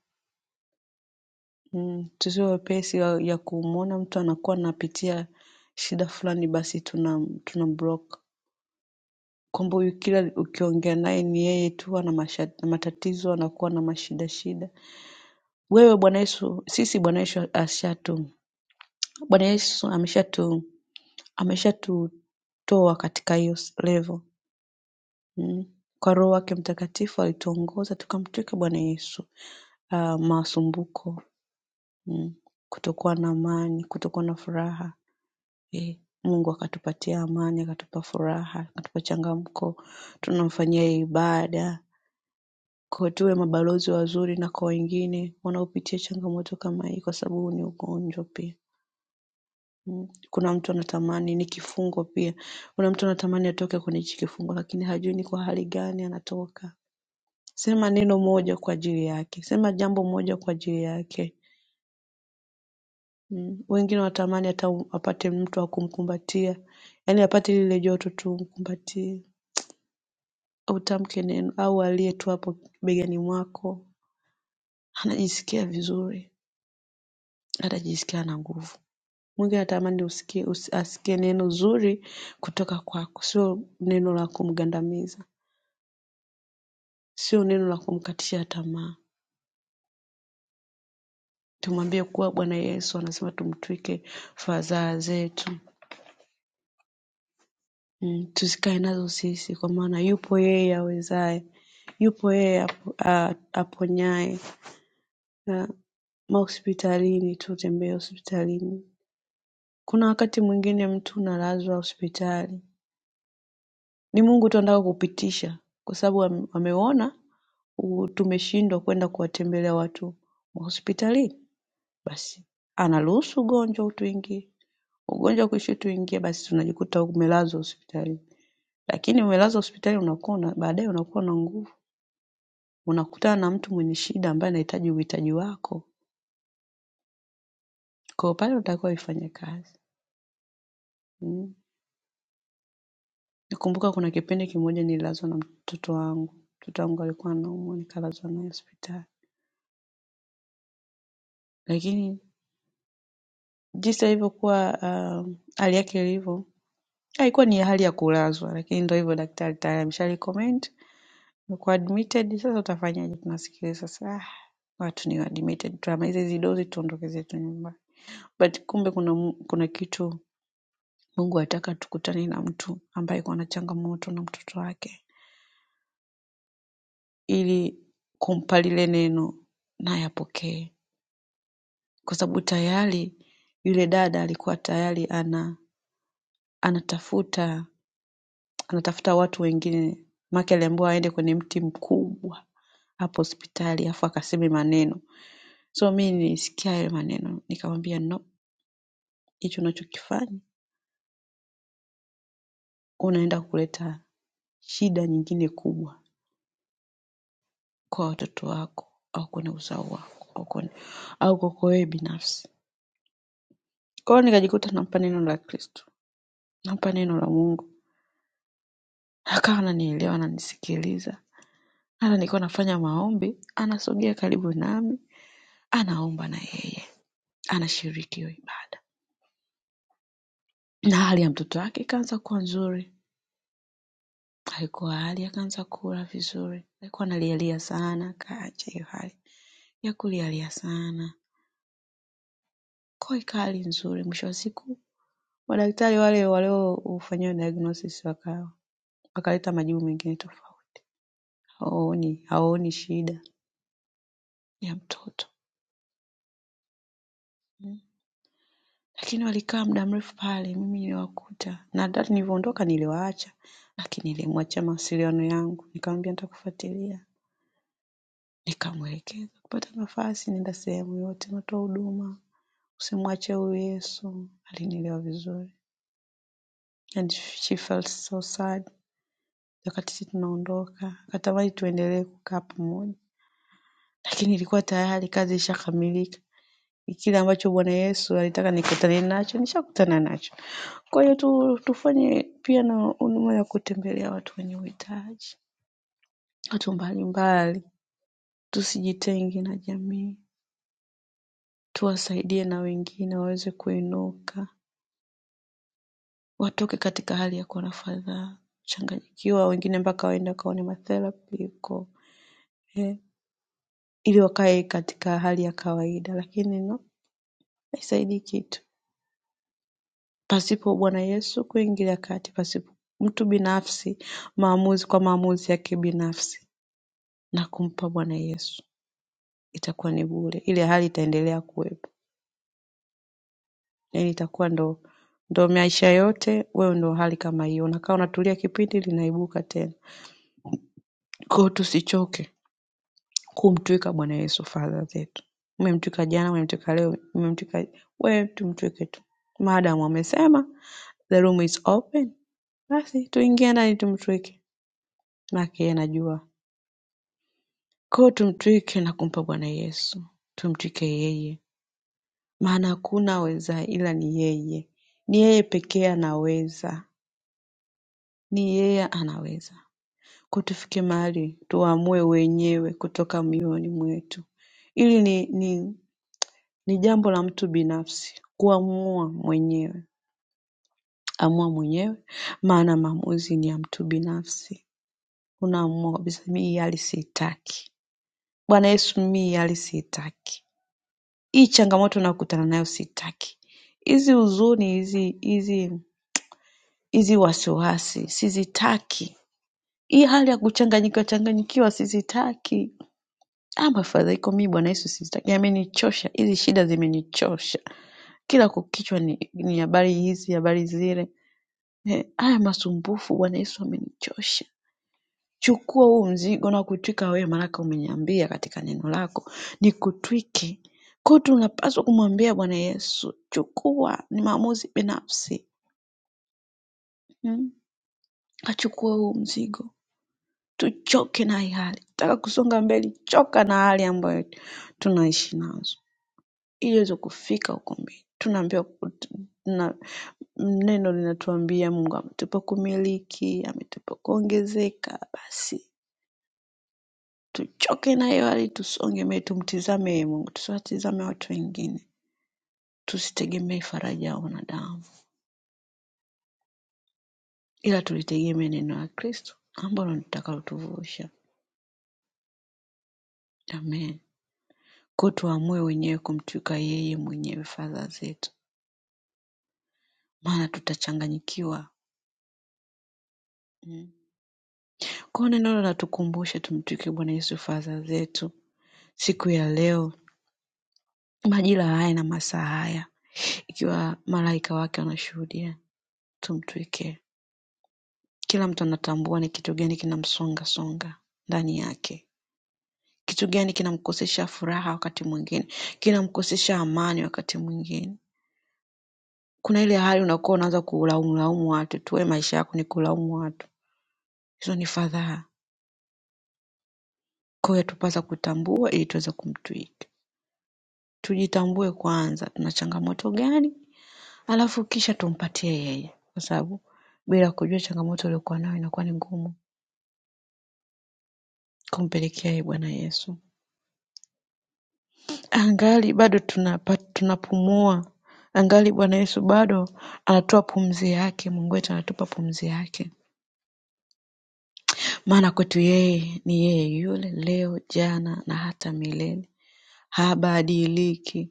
Mm, tusiwe wepesi wa- ya kumwona mtu anakuwa anapitia shida fulani basi tuna tunamblock kwamba huyu kila ukiongea naye ni yeye tu ana masha- ana matatizo anakuwa na mashida shida wewe bwana yesu sisi bwana yesu ashatu bwana yesu ameshatu ameshatutoa katika hiyo s- level mm. kwa roho wake mtakatifu alituongoza tukamtwika bwana yesu uh, masumbuko mm. kutokuwa na amani kutokuwa na furaha E, Mungu akatupatia amani, akatupa furaha, akatupa changamko, tunamfanyia ibada kwa tuwe mabalozi wazuri na kwa wengine wanaopitia changamoto kama hii, kwa sababu huu ni ugonjwa pia. Mm. Kuna mtu anatamani ni kifungo pia. Kuna mtu anatamani atoke kwenye hichi kifungo, lakini hajui ni kwa hali gani anatoka. Sema neno moja kwa ajili yake, sema jambo moja kwa ajili yake. Mm. Wengine wanatamani hata apate mtu wa kumkumbatia, yaani apate lile joto tu umkumbatie. utamke neno au aliyekuwa hapo begani mwako anajisikia vizuri, atajisikia ana nguvu. Mungu anatamani usikie, usi- asikie neno zuri kutoka kwako, sio neno la kumgandamiza, sio neno la kumkatisha tamaa. Tumwambie kuwa Bwana Yesu anasema tumtwike fadhaa zetu mm, tusikae nazo sisi, kwa maana yupo yeye awezaye, yupo yeye apo- a- aponyaye. Na mahospitalini tutembee hospitalini Kuna wakati mwingine mtu unalazwa hospitali, ni Mungu tu anataka kukupitisha kwa sababu ameuona u- tumeshindwa kwenda kuwatembelea watu mahospitalini, basi anaruhusu ugonjwa utuingie, ugonjwa kuishi utuingie, basi tunajikuta umelazwa hospitalini. Lakini umelazwa hospitali unakuwa una, baadaye unakuwa na nguvu, unakutana na mtu mwenye shida ambaye anahitaji uhitaji wako, kwa hiyo pale unatakiwa uifanye kazi mm. Nakumbuka kuna kipindi kimoja nililazwa na mtoto wangu. Mtoto wangu alikuwa anaumwa nikalazwa naye hospitali. Lakini jinsi alivyokuwa um, hali yake ilivyo haikuwa ni hali ya kulazwa, lakini ndio hivyo daktari tayari ameshalicommend umekuwa admitted, sasa utafanyaje? Tunasikiliza sasa, ah, watu ni admitted, tunamaliza hizi dozi tuondoke zetu nyumbani. But kumbe kuna mu- kuna kitu Mungu ataka tukutane na mtu ambaye yuko na changamoto na mtoto wake ili kumpa lile neno naye apokee kwa sababu tayari yule dada alikuwa tayari ana anatafuta anatafuta watu wengine make aliambiwa aende kwenye mti mkubwa hapo hospitali afu akaseme maneno so mi nilisikia yale maneno nikamwambia no hicho unachokifanya unaenda kuleta shida nyingine kubwa kwa watoto wako au kwenye uzao wako au kwenye, au kwako wewe binafsi kwa hiyo nikajikuta nampa neno la kristo nampa neno la mungu akawa ananielewa ananisikiliza Hata nikiwa nafanya maombi, anasogea karibu nami, anaomba na yeye, anashiriki hiyo ibada. Na hali ya mtoto wake ikaanza kuwa nzuri, alikuwa hali akaanza kula vizuri, alikuwa analialia sana, kaacha hiyo hali ya kulialia sana, kwa hiyo ikawa hali nzuri. Mwisho wa siku madaktari wale waliofanyia diagnosis waka wakaleta majibu mengine tofauti, hawaoni hawaoni shida ya mtoto. Lakini walikaa muda mrefu pale mimi niliwakuta na hata nilivyoondoka niliwaacha lakini nilimwachia mawasiliano yangu nikamwambia nitakufuatilia. Nikamwelekeza kupata nafasi nenda sehemu yote natoa huduma. Usimwache huyu Yesu. Alinielewa vizuri. And she felt so sad wakati sisi tunaondoka. Akatamani tuendelee kukaa pamoja. Lakini ilikuwa tayari kazi ishakamilika. kile ambacho Bwana Yesu alitaka nikutane nacho, nishakutana nacho. Kwa hiyo tu, tufanye pia na huduma ya kutembelea watu wenye uhitaji, watu mbalimbali. Tusijitenge na jamii, tuwasaidie na wengine waweze kuinuka, watoke katika hali ya kuona fadhaa, kuchanganyikiwa, wengine mpaka waende wakaone matherapy huko eh, ili wakae katika hali ya kawaida, lakini no haisaidii kitu. Pasipo Bwana Yesu kuingilia kati, pasipo mtu binafsi maamuzi kwa maamuzi yake binafsi na kumpa Bwana Yesu, itakuwa ni bure. Ile hali itaendelea kuwepo, yaani itakuwa ndo ndo maisha yote, wewe ndo hali kama hiyo, unakaa unatulia, kipindi linaibuka tena. Kwa hiyo tusichoke kumtwika Bwana Yesu fadha zetu. Umemtwika jana, umemtwika leo, umemtwika wewe, tumtwike tu maadamu amesema the room is open, basi tuingie ndani tumtwike, maana yake yeye anajua Kwa hiyo tumtwike na kumpa Bwana Yesu, tumtwike yeye, maana hakuna awezaye ila ni yeye. Ni yeye pekee anaweza, ni yeye anaweza. Kwa tufike mahali tuamue wenyewe kutoka mioyoni mwetu. Ili ni, ni, ni jambo la mtu binafsi kuamua mwenyewe, amua mwenyewe, maana maamuzi ni ya mtu binafsi. Unaamua kabisa, mimi hii hali siitaki. Bwana Yesu, mimi hii hali siitaki hii changamoto unakutana nayo sitaki hizi huzuni hizi hizi hizi wasiwasi sizitaki hii hali ya kuchanganyikiwa changanyikiwa sizitaki ah mafadhaiko mimi bwana yesu sizitaki yamenichosha hizi shida zimenichosha kila kukichwa ni, ni habari hizi habari zile Eh, haya masumbufu bwana yesu amenichosha Chukua huu mzigo na kutwika wewe, maanake umeniambia katika neno lako nikutwike. Kwa hiyo tunapaswa kumwambia Bwana Yesu, chukua. Ni maamuzi binafsi mm. Achukue huu mzigo, tuchoke na hii hali. Taka kusonga mbele, choka na hali ambayo tunaishi nazo, ili iweze kufika huko mbele. Tunaambiwa na neno linatuambia Mungu ametupa kumiliki, ametupa kuongezeka, basi Tuchoke na hiyo hali, tusonge, mbele, tumtizame yeye Mungu, tusiwatizame watu wengine, tusitegemee faraja ya wanadamu, ila tulitegemee neno la Kristo ambalo ndio litakalotuvusha. Amen. Kwa hiyo tuamue wenyewe kumtuika yeye mwenyewe fadhaa zetu, maana tutachanganyikiwa. Mm. Kwa hiyo neno linatukumbusha tumtuike Bwana Yesu fadhaa zetu siku ya leo, majira haya na masaa haya, ikiwa malaika wake wanashuhudia, tumtuike Kila mtu anatambua ni kitu gani kinamsongasonga ndani yake kitu gani kinamkosesha furaha wakati mwingine kinamkosesha amani wakati mwingine kuna ile hali unakuwa unaanza kulaumlaumu watu tu "We, maisha yako ni kulaumu watu hizo ni fadhaa kwa hiyo tupasa kutambua ili tuweze kumtwika tujitambue kwanza tuna changamoto gani alafu kisha tumpatie yeye kwa sababu bila kujua changamoto uliokuwa nayo inakuwa ni ngumu kumpelekea yeye bwana yesu Angali bado tunapumua angali Bwana Yesu bado anatoa pumzi yake Mungu wetu anatupa pumzi yake maana kwetu yeye ni yeye yule leo jana na hata milele habadiliki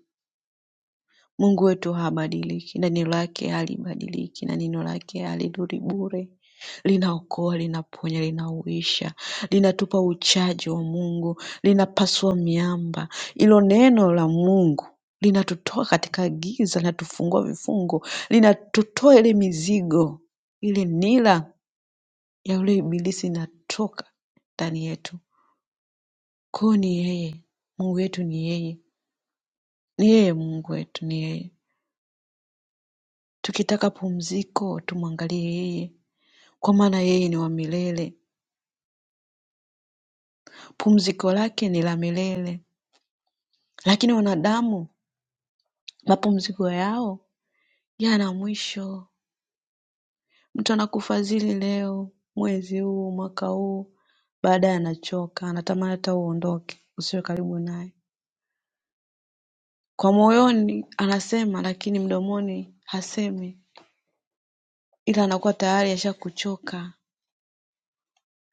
Mungu wetu habadiliki na neno lake halibadiliki na neno lake halirudi bure. Linaokoa, linaponya, linauisha, linatupa uchaji wa Mungu, linapasua miamba. Hilo neno la Mungu linatutoa katika giza, linatufungua vifungo, linatutoa ile mizigo, ile nila ya yule ibilisi inatoka ndani yetu. Kwa hiyo ni yeye, Mungu wetu ni yeye, ni yeye Mungu wetu ni yeye. Tukitaka pumziko tumwangalie yeye kwa maana yeye ni wa milele. Pumziko lake ni la milele. Lakini wanadamu mapumziko yao yana mwisho. Mtu anakufadhili leo, mwezi huu, mwaka huu, baadaye anachoka, anatamani hata uondoke, usiwe karibu naye. Kwa moyoni anasema, lakini mdomoni hasemi, ila anakuwa tayari ashakuchoka.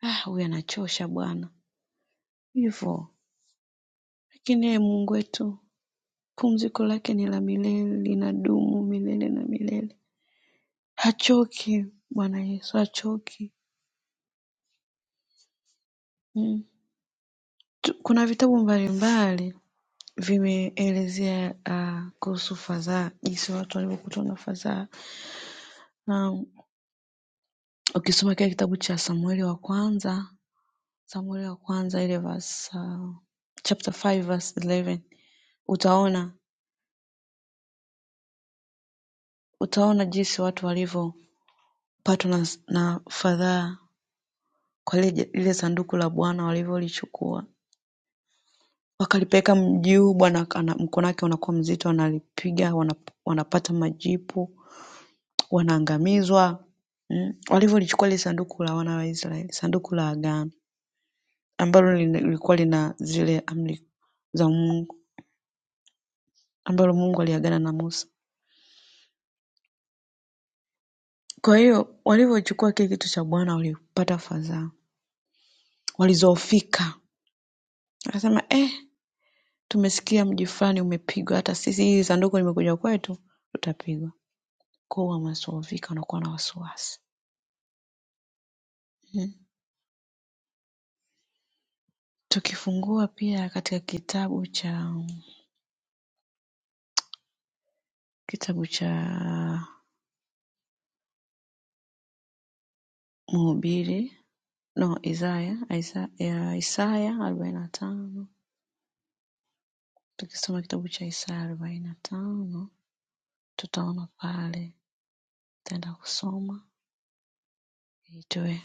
Ah, huyu anachosha bwana, hivyo. Lakini yeye Mungu wetu Pumziko lake ni la milele linadumu milele na milele. Hachoki Bwana Yesu hachoki. Mm. Tu- Kuna vitabu mbalimbali vimeelezea ah, kuhusu fadhaa, jinsi watu walivyokutwa na fadhaa. Na ukisoma kile kitabu cha Samueli wa kwanza, Samueli wa kwanza ile verse ah, chapter 5 verse 11 utaona utaona jinsi watu walivyopatwa na, na fadhaa kwa lile, lile sanduku la Bwana walivyolichukua Wakalipeleka mjuu bwana mkonake unakuwa mzito wanalipiga wanapata majipu wanaangamizwa Mm. walivyolichukua lile sanduku la wana wa Israeli sanduku la agano ambalo lilikuwa lina zile amri za Mungu ambalo Mungu aliagana na Musa kwa hiyo walivyochukua kile kitu cha Bwana walipata fadhaa walizoofika wakasema eh tumesikia mji fulani umepigwa hata sisi hili sanduku limekuja kwetu tutapigwa kwa hiyo wamezoofika wanakuwa na wasiwasi Mm. Tukifungua pia katika kitabu cha kitabu cha Mhubiri no Isaya Isaya, Isaya arobaini na tano tukisoma kitabu cha Isaya arobaini na tano tutaona pale tutaenda kusoma ili tuwe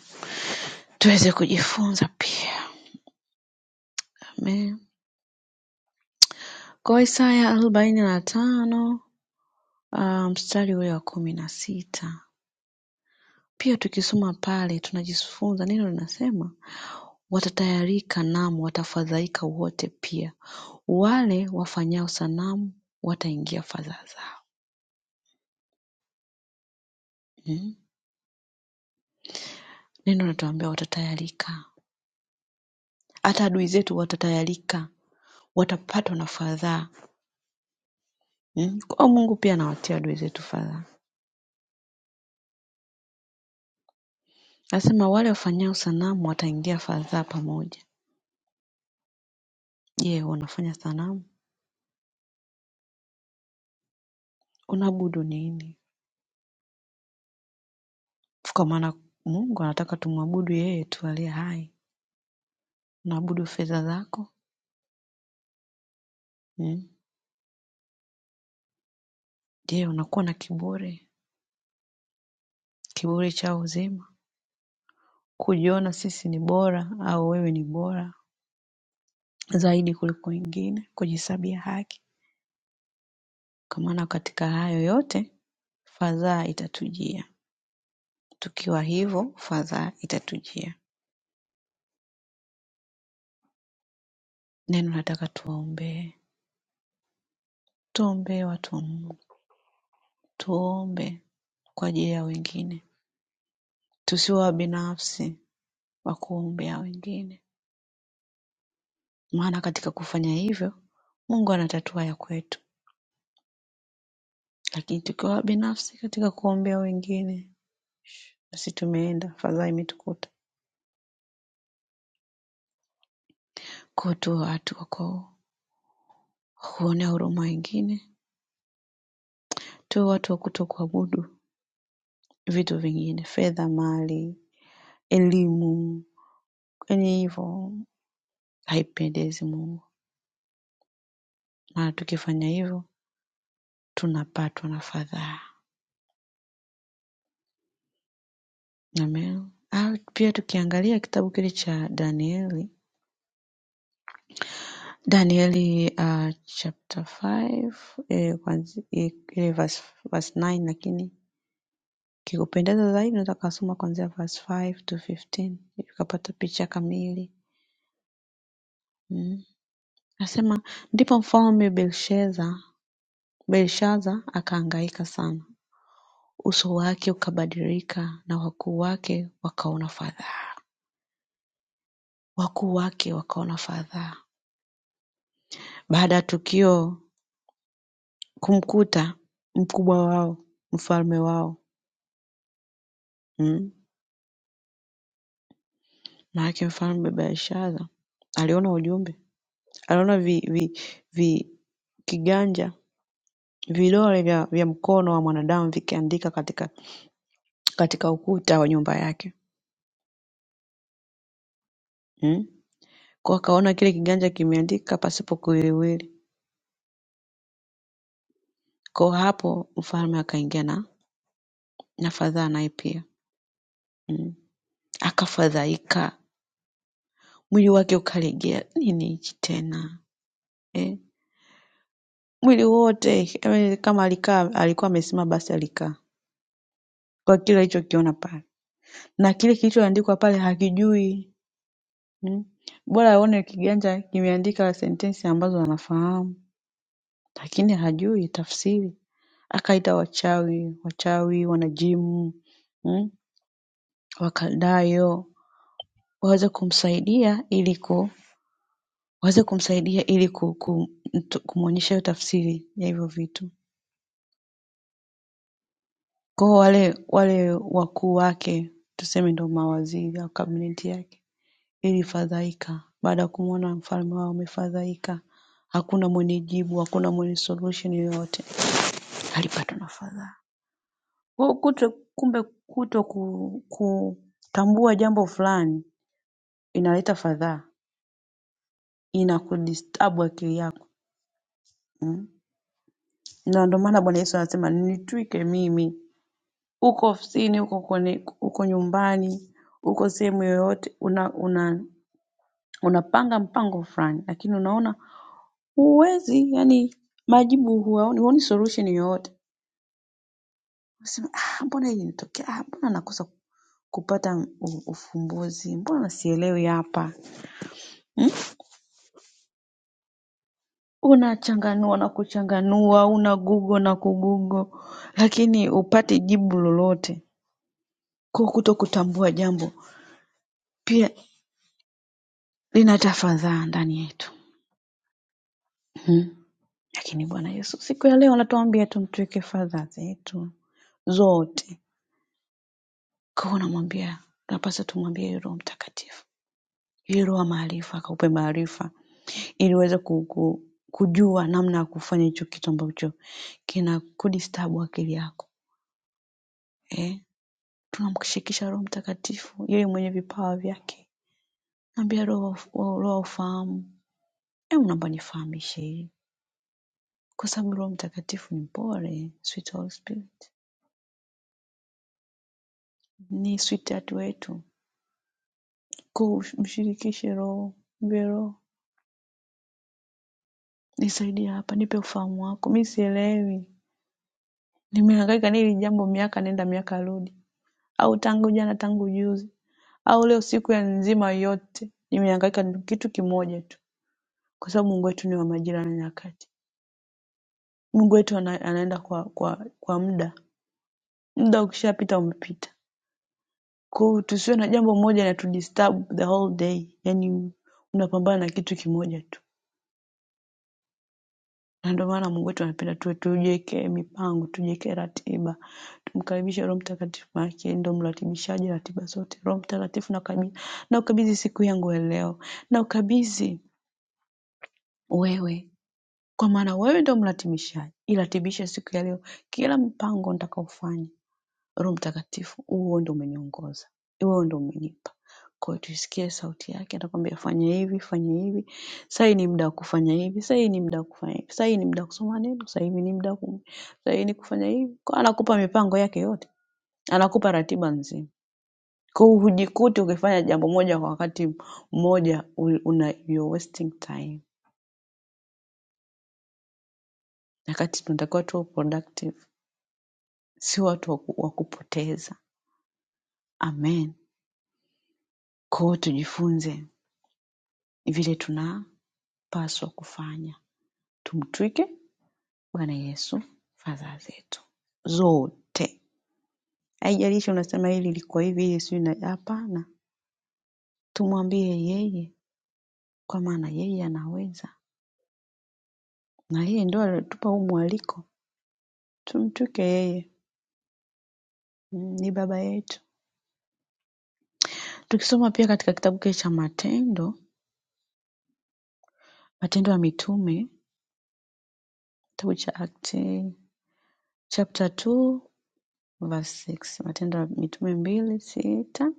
tuweze kujifunza pia amen kwa Isaya arobaini na tano ah, mstari ule wa kumi na sita pia tukisoma pale tunajifunza neno linasema Watatayarika naam watafadhaika wote pia, wale wafanyao sanamu wataingia fadhaa zao. Mm? Neno natuambia watatayarika, hata adui zetu watatayarika, watapatwa na fadhaa. Mm? Kwa hiyo Mungu pia anawatia adui zetu fadhaa, anasema wale wafanyao sanamu wataingia fadhaa pamoja. Je, unafanya sanamu? Unaabudu nini? Kwa maana Mungu anataka tumwabudu yeye tu aliye hai. Unaabudu fedha zako? Mm? Je, unakuwa na kiburi? kiburi chao uzima, kujiona sisi ni bora au wewe ni bora zaidi kuliko wengine, kujihesabia haki. Kwa maana katika hayo yote fadhaa itatujia. Tukiwa hivyo, fadhaa itatujia. Neno nataka tuwaombee, tuombee watu wa Mungu, tuombe kwa ajili ya wengine, tusiwe wabinafsi wa kuwaombea wengine, maana katika kufanya hivyo Mungu anatatua ya kwetu, lakini tukiwa wabinafsi katika kuombea wengine Nasi tumeenda, fadhaa imetukuta. Kwa tuwe watu wa kwa- kuonea huruma wengine, tuwe watu wa kutokuabudu vitu vingine, fedha, mali, elimu, yaani hivyo haipendezi Mungu, maana tukifanya hivyo tunapatwa na fadhaa. Amen. Au pia tukiangalia kitabu kile cha Danieli, Danieli uh, chapter 5 eh, kwanzi- eh, ile verse, verse 9 lakini Kikupendeza zaidi unaweza ukasoma kuanzia verse five to fifteen ili ukapata picha kamili. Mm. Nasema ndipo mfalme Belshaza Belshaza akahangaika sana, uso wake ukabadilika na wakuu wake wakaona fadhaa, wakuu wake wakaona fadhaa. Baada ya tukio kumkuta mkubwa wao, mfalme wao, mm. maanake mfalme Belshaza aliona ujumbe, aliona vi, vi, vi kiganja Vidole vya, vya mkono wa mwanadamu vikiandika katika, katika ukuta wa nyumba yake mm? Kwa akaona kile kiganja kimeandika pasipo kuwiliwili. Kwa hapo mfalme akaingia na, na fadhaa naye pia mm? Akafadhaika, mwili wake ukalegea, nini hichi tena eh? Mwili wote eh, kama alikaa alikuwa amesimama basi alikaa kwa kile alichokiona pale, na kile kilichoandikwa pale hakijui mm? Bora aone kiganja kimeandika sentensi ambazo anafahamu lakini hajui tafsiri akaita wachawi wachawi wanajimu mm, wakaldayo waweze kumsaidia ili ku waweze kumsaidia ili ku- ku- mtu- kumwonyesha hiyo tafsiri ya hivyo vitu kwao wale wale wakuu wake tuseme ndo mawaziri au kabineti yake ilifadhaika baada ya kumwona mfalme wao amefadhaika hakuna mwenye jibu hakuna mwenye solution yoyote alipatwa na fadhaa Kwa kuto, Kumbe kuto ku- kutambua jambo fulani inaleta fadhaa inakudistabu akili yako mm. na ndio maana Bwana Yesu anasema nitwike mimi uko ofisini uko kwenye uko nyumbani uko sehemu yoyote una, una unapanga mpango fulani lakini unaona huwezi yani majibu huoni huoni solution yoyote unasema ah mbona hili nitokea ah mbona nakosa kupata u- ufumbuzi mbona sielewi hapa hmm? unachanganua na kuchanganua unagugo na kugugo lakini hupati jibu lolote kwa kuto kutambua jambo pia linaleta fadhaa ndani yetu Mhm. lakini bwana yesu siku ya leo anatuambia tumtwike fadhaa zetu zote kwa unamwambia napasa tumwambie yeye roho mtakatifu yeye roho wa maarifa akaupe maarifa ili uweze ku, ku, kujua namna ya kufanya hicho kitu ambacho kina kudistabu akili yako eh? Tunamshirikisha Roho Mtakatifu yeye mwenye vipawa vyake. Naambia roho wa ufahamu, hebu naomba nifahamishe hili, kwa sababu Roho Mtakatifu ni mpole, sweet Holy Spirit, ni sweetheart wetu. Kwa mshirikishe Roho, mwambie Roho, nisaidie hapa, nipe ufahamu wako, mi sielewi, nimehangaika na hili jambo miaka nenda miaka rudi, au tangu jana tangu juzi, au leo siku ya nzima yote nimehangaika na kitu kimoja tu, kwa sababu Mungu wetu ni wa majira na nyakati. Mungu wetu ana- anaenda kwa kwa kwa muda. Muda ukishapita umepita. Kwa hiyo tusiwe na jambo moja na tudisturb the whole day, yaani unapambana na kitu kimoja tu, na ndio maana Mungu wetu anapenda tuwe tujiwekee mipango, tujiwekee ratiba, tumkaribishe Roho Mtakatifu, maana yake ndio mratibishaji ratiba zote. Roho Mtakatifu, nakabidhi naukabidhi siku yangu ya leo, naukabidhi wewe, kwa maana wewe ndio mratibishaji. Iratibishe siku ya leo kila mpango nitakaofanya Roho Mtakatifu, wewe ndio umeniongoza, wewe ndio umenipa. Kwa hiyo tuisikie sauti yake, atakwambia fanya hivi, fanya hivi. Sasa hii ni muda wa kufanya hivi, sasa hii ni muda wa kufanya hivi, sasa hii ni muda wa kusoma neno, sasa hivi ni muda wa ku- sasa hii ni kufanya hivi. Kwa hiyo anakupa mipango yake yote, anakupa ratiba nzima. Kwa hiyo hujikuti ukifanya jambo moja kwa wakati mmoja, u- una you're wasting time. Wakati tunatakiwa tuwe productive, si watu wa ku- wa kupoteza. Amen. Kwa hiyo tujifunze vile tuna tunapaswa kufanya. Tumtwike Bwana Yesu fadhaa zetu zote. Haijalishi unasema hili liko hivi, hili sijui na hapana. Tumwambie yeye kwa maana yeye anaweza. Na yeye ndio alitupa huu mwaliko. Tumtwike yeye. Mm, Ni baba yetu. Tukisoma pia katika kitabu kile cha Matendo, Matendo ya Mitume, kitabu cha Acts chapter 2 verse 6, Matendo ya Mitume mbili sita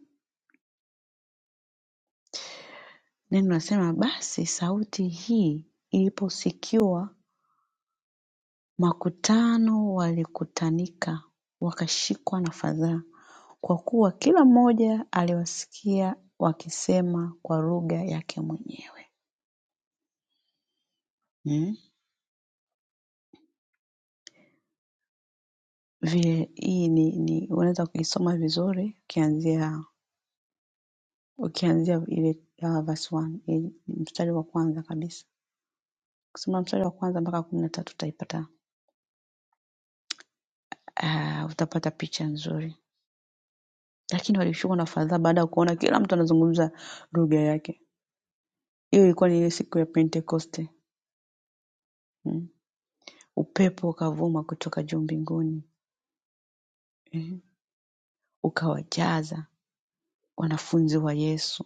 Neno lasema basi sauti hii iliposikiwa makutano walikutanika, wakashikwa na fadhaa, kwa kuwa kila mmoja aliwasikia wakisema kwa lugha yake mwenyewe. Mm. Vile hii ni, ni unaweza kuisoma vizuri ukianzia ukianzia ile uh, verse one, ile mstari wa kwanza kabisa. Kusoma mstari wa kwanza mpaka kumi na tatu utaipata uh, utapata picha nzuri. Lakini walishikwa na fadhaa baada ya kuona kila mtu anazungumza lugha yake. Hiyo ilikuwa ni ile siku ya Pentekoste. Mm. Upepo ukavuma kutoka juu mbinguni. Mm. Ukawajaza wanafunzi wa Yesu.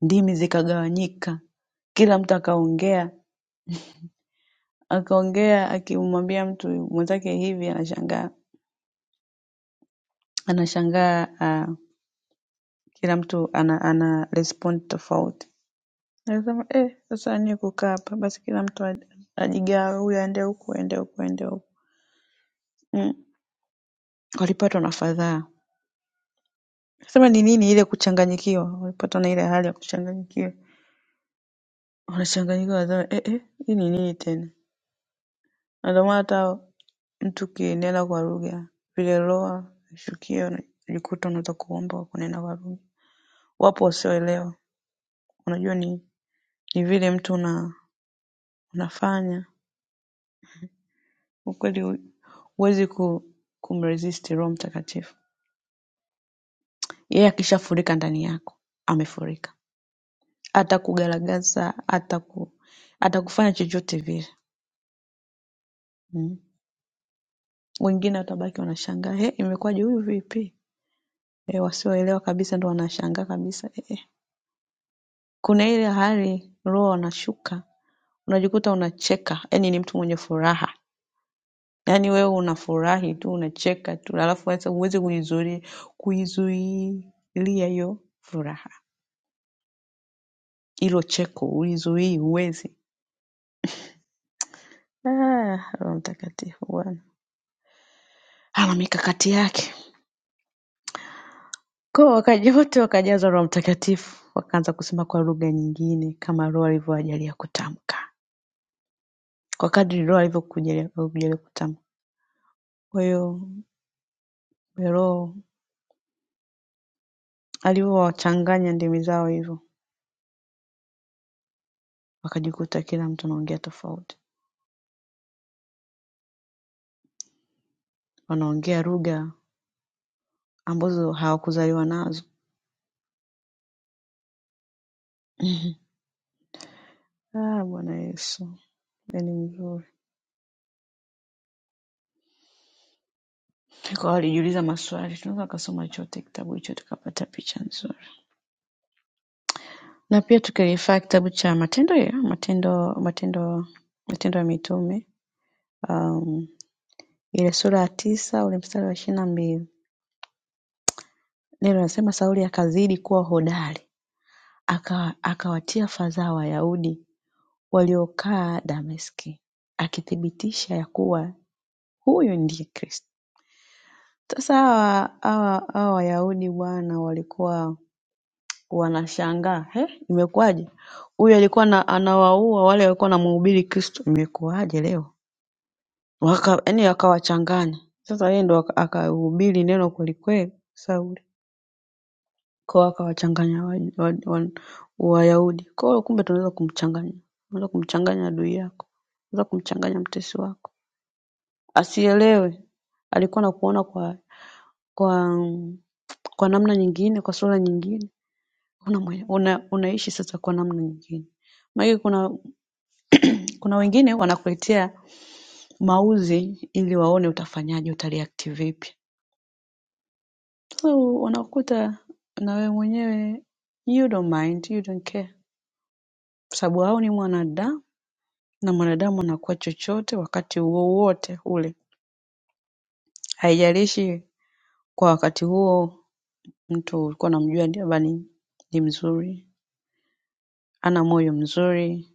Ndimi zikagawanyika. Kila mtu akaongea, akaongea akimwambia mtu mwenzake hivi anashangaa. Anashangaa ah, kila mtu ana ana respond tofauti. Anasema eh, sasa nini kukaa hapa? Basi kila mtu ajigawe, huyu aende huku, aende huku, aende huku. Mm. walipatwa na fadhaa. Sema ni nini ile kuchanganyikiwa? Walipatwa na ile hali ya kuchanganyikiwa. Wanachanganyikiwa wanasema eh eh, hii ni nini tena? Na ndio maana hata mtu ukinena kwa lugha vile roho ikishukia unajikuta unaweza kuomba kwa kunena kwa lugha. Wapo wasioelewa. Unajua ni ni vile mtu una, unafanya ukweli hu- huwezi ku, kumresist Roho Mtakatifu. Yeye akishafurika ndani yako, amefurika. atakugaragaza ataku atakufanya chochote vile mm. wengine watabaki wanashangaa hey, imekuwaje huyu vipi eh, wasioelewa kabisa ndo wanashangaa kabisa eh, eh. kuna ile hali roho wanashuka unajikuta unacheka yani ni mtu mwenye furaha yaani wewe unafurahi tu unacheka tu alafu sasa huwezi kuizuia kuizuilia hiyo furaha hilo cheko ulizuii huwezi ah, roho mtakatifu bwana ana mikakati yake Kwa wakaja wote wakajazwa Roho Mtakatifu, wakaanza kusema kwa lugha nyingine kama Roho alivyowajalia kutamka, kwa kadri Roho alivyokujalia alivyokujalia kutamka. Kwa hiyo Roho alivyowachanganya ndimi zao hivyo, wakajikuta kila mtu anaongea tofauti, wanaongea lugha ambazo hawakuzaliwa nazo. Mhm. Ah, Bwana Yesu yani mzuri. Kwa hiyo walijiuliza maswali, tunaweza kasoma chote kitabu hicho tukapata picha nzuri. na pia tukirifaa kitabu cha matendo ya matendo matendo matendo ya mitume um, ile sura ya tisa ule mstari wa ishirini na mbili neno nasema Sauli akazidi kuwa hodari aka, akawatia fadhaa Wayahudi waliokaa Dameski akithibitisha ya kuwa huyu ndiye Kristo. Sasa hawa hawa hawa Wayahudi bwana walikuwa wanashangaa he, imekuwaje? Huyu alikuwa na, anawaua wale walikuwa wanamhubiri Kristo, imekuwaje leo? yaani akawachanganya sasa yeye ndo aka- akahubiri neno kwelikweli Sauli kwao akawachanganya Wayahudi wa, wa, wa, Wayahudi. kwa hiyo kumbe tunaweza kumchanganya unaweza kumchanganya adui yako unaweza kumchanganya mtesi wako asielewe alikuwa na kuona kwa kwa kwa namna nyingine kwa sura nyingine una, mwe- una, unaishi sasa kwa namna nyingine maana kuna kuna wengine wanakuletea mauzi ili waone utafanyaje utareact vipi So unakuta na wewe mwenyewe you don't mind, you don't care, kwa sababu hao ni mwanadamu na mwanadamu anakuwa chochote wakati wowote ule, haijalishi kwa wakati huo mtu ulikuwa unamjua labda ni ni mzuri, ana moyo mzuri.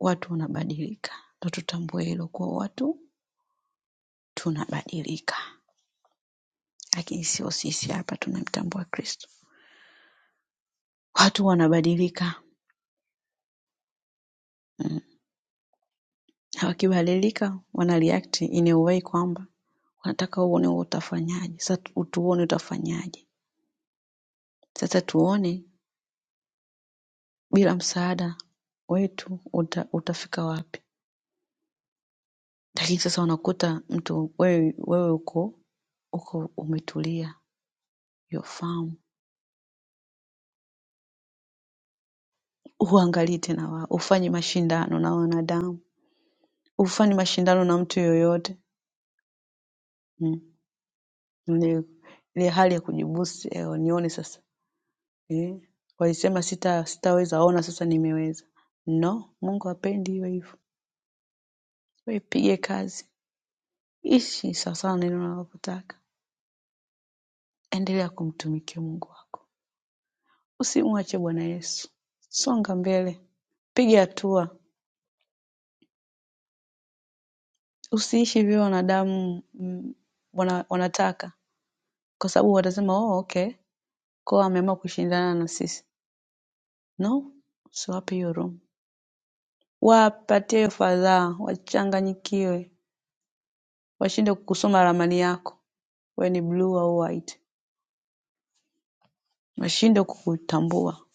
Watu wanabadilika na tutambue hilo kuwa watu tunabadilika, lakini sio sisi hapa tunamtambua Kristo. Watu wanabadilika Mm. Wakibadilika wanareact in a way kwamba wanataka uone wewe utafanyaje, sasa tu- tuone utafanyaje. Sasa tuone bila msaada wetu uta, utafika wapi. Lakini sasa unakuta mtu wewe, wewe uko uko umetulia your farm, huangalii tena wao, hufanyi mashindano na wanadamu, hufanyi mashindano na mtu yoyote mm. Ile ile hali ya kujibusi, eh, nione sasa Eh, walisema sita sitaweza ona sasa nimeweza. No, Mungu hapendi iwe hivyo. Wewe pige kazi. Ishi sawasawa na neno analotaka. Endelea kumtumikia Mungu wako. Usimwache Bwana Yesu. Songa mbele. Piga hatua. Usiishi vile wanadamu mm, wana, wanataka kwa sababu watasema oh, okay, kwa ameamua kushindana na sisi. No, usiwape hiyo roho. Wapatie hiyo fadhaa, wachanganyikiwe, washinde kusoma ramani yako we ni blue au white nashindwa kukutambua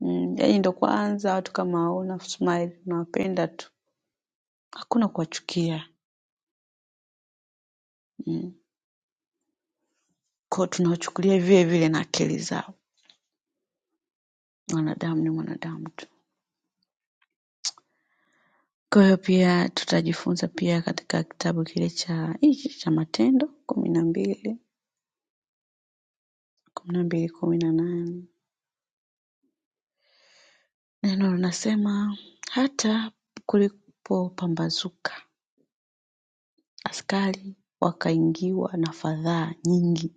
mm, yani ndo kwanza watu kama hauna smile unawapenda tu hakuna kuwachukia mm. kwao tunawachukulia vile vile na akili zao mwanadamu ni mwanadamu tu kwa hiyo pia tutajifunza pia katika kitabu kile cha hichi cha matendo kumi na mbili kumi na mbili kumi na nane neno linasema hata kulipopambazuka askari wakaingiwa na fadhaa nyingi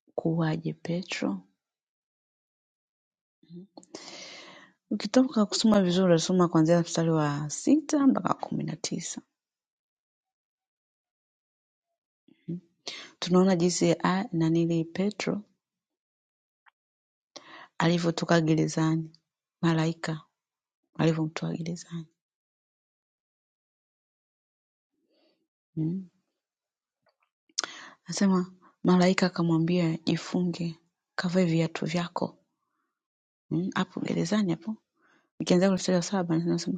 Amekuwaje Petro? Ukitaka kusoma vizuri unasoma kuanzia mstari wa sita mpaka wa kumi na tisa. Tunaona jinsi a- nanili Petro alivyotoka gerezani, malaika alivyomtoa gerezani. Mm. Anasema malaika akamwambia jifunge, kavae viatu vyako. Mm, Hapo gerezani hapo. Nikianzia kwenye mstari wa saba anasema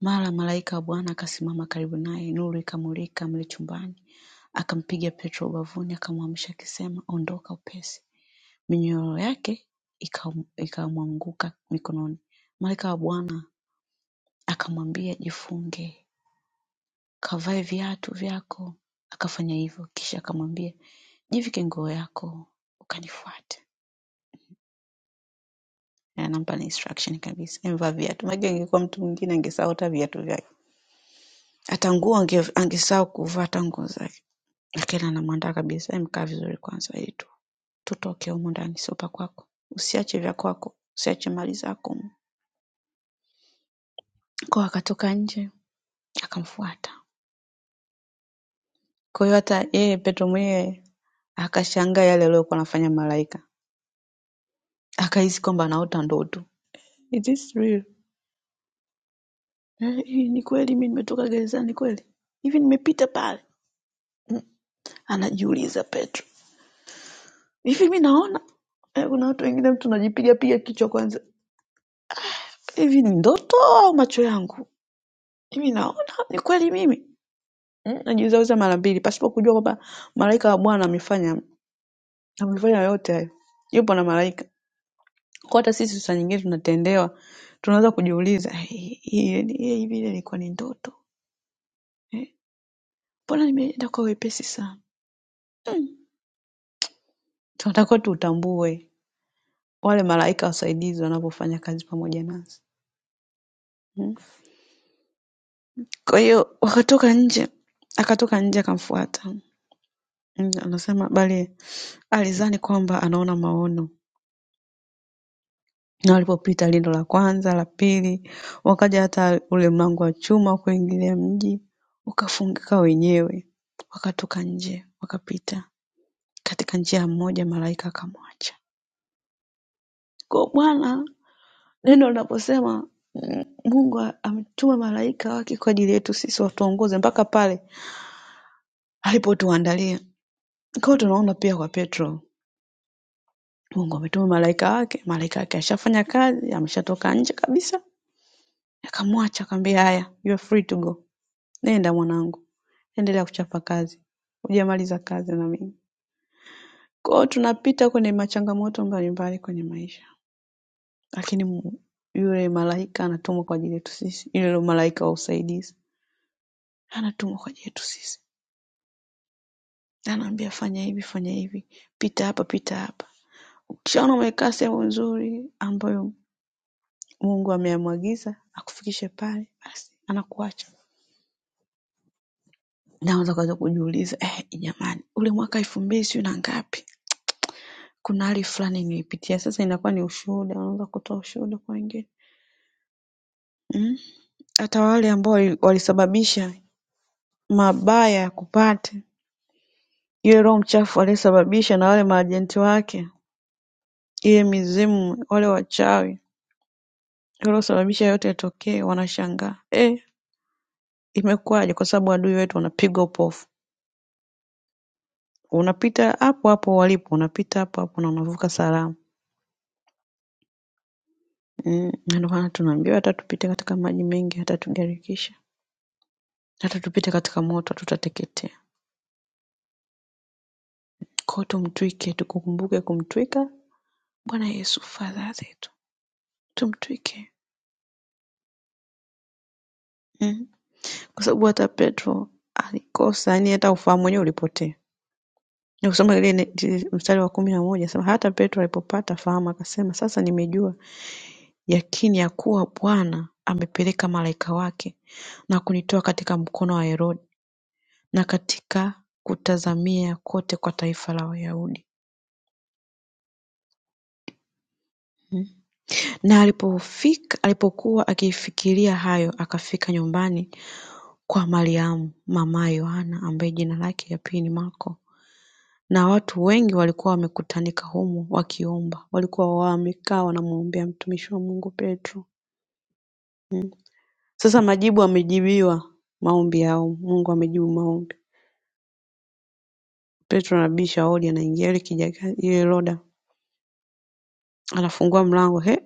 Mara malaika wa Bwana akasimama karibu naye, nuru ikamulika mle chumbani. Akampiga Petro ubavuni, akamwamsha akisema, “Ondoka upesi!” Minyororo yake ikamwanguka mikononi. Malaika wa Bwana akamwambia, “Jifunge, kavae viatu vyako.” Akafanya hivyo, kisha akamwambia, “Jivike nguo yako, ukanifuate.” Na anampa na instruction kabisa, emvaa viatu. Maana angekuwa mtu mwingine angesahau hata viatu vyake, hata nguo ange- angesahau kuvaa hata nguo zake. Lakini anamwandaa kabisa, mkaa vizuri kwanza ili tu tutoke humu ndani, sopa kwako, usiache vya kwako, usiache mali zako. Kwa akatoka nje akamfuata. Kwa hiyo hata yeye Petro mwenyewe akashangaa yale aliyokuwa anafanya malaika, akahisi kwamba anaota ndoto. Is this real? Eh, hii ni kweli, mi nimetoka gerezani kweli? Hivi nimepita pale? Mm. Anajiuliza Petro, hivi mi naona? Eh, kuna watu wengine mtu unajipiga piga kichwa kwanza, hivi ni ndoto au macho yangu? Mimi naona ni kweli mimi mm, najiuzauza mara mbili pasipo kujua kwamba malaika wa Bwana amefanya amefanya yote hayo, yupo na malaika. Kwa hata sisi saa nyingine tunatendewa, tunaweza kujiuliza "Hey, hii hii hivi ile ilikuwa ni ndoto Eh, mbona nimeenda kwa wepesi sana. Tunatakiwa tutambue wale malaika wasaidizi wanavyofanya kazi pamoja nasi mm. Kwa hiyo wakatoka nje, akatoka nje akamfuata Mm, anasema bali alizani kwamba anaona maono Na walipopita lindo la kwanza, la pili, wakaja hata ule mlango wa chuma wa kuingilia mji ukafungika wenyewe. Wakatoka nje, wakapita. Katika njia moja malaika akamwacha. Kwa hiyo Bwana neno linaposema mm, Mungu ametuma malaika wake kwa ajili yetu sisi watuongoze mpaka pale alipotuandalia. Kwa hiyo tunaona pia kwa Petro, Mungu ametuma malaika wake, malaika wake ashafanya kazi, ameshatoka nje kabisa, akamwacha akamwambia, haya you are free to go Nenda mwanangu, endelea kuchapa kazi, hujamaliza kazi na mimi. Kwa hiyo tunapita kwenye machangamoto mbalimbali kwenye maisha, lakini Mungu- yule malaika anatumwa kwa ajili yetu sisi, yule malaika wa usaidizi anatumwa kwa ajili yetu sisi, anaambia fanya hivi, fanya hivi, pita hapa, pita hapa. Ukishaona umekaa sehemu nzuri ambayo Mungu amemwagiza akufikishe pale, basi anakuacha. Na unaweza kuanza kujiuliza eh, jamani, ule mwaka elfu mbili sijui na ngapi kuna hali fulani nilipitia. Sasa inakuwa ni ushuhuda, unaweza kutoa ushuhuda kwa wengine mm. Hata wale ambao wali- walisababisha mabaya ya kupata yule roho mchafu aliyesababisha, na wale maajenti wake, ile mizimu, wale wachawi waliosababisha yote yatokee, wanashangaa eh, imekuwaje? Kwa sababu adui wetu wanapigwa upofu, unapita hapo hapo walipo, unapita hapo hapo na unavuka salama. Mm, na ndio maana tunaambiwa hata tupite katika maji mengi, hata tugarikisha, hata tupite katika moto, hatutateketea. Ko tumtwike tukumbuke kumtwika Bwana Yesu fadhaa zetu tumtwike mm. Kwa sababu hata Petro alikosa, yani hata ufahamu wenyewe ulipotea. Nikusoma ile ne- ile mstari wa kumi na moja sema hata Petro alipopata fahamu akasema, sasa nimejua yakini ya kuwa Bwana amepeleka malaika wake na kunitoa katika mkono wa Herode na katika kutazamia kote kwa taifa la Wayahudi. Hmm. Na alipofika alipokuwa akifikiria hayo, akafika nyumbani kwa Mariamu mamaye Yohana ambaye jina lake la pili ni Marko na watu wengi walikuwa wamekutanika humo wakiomba. Walikuwa wamekaa wanamwombea mtumishi wa Mungu Petro. Sasa majibu amejibiwa maombi yao. Mungu amejibu maombi. Petro anabisha hodi, anaingia ile kijaga ile loda, anafungua mlango, he,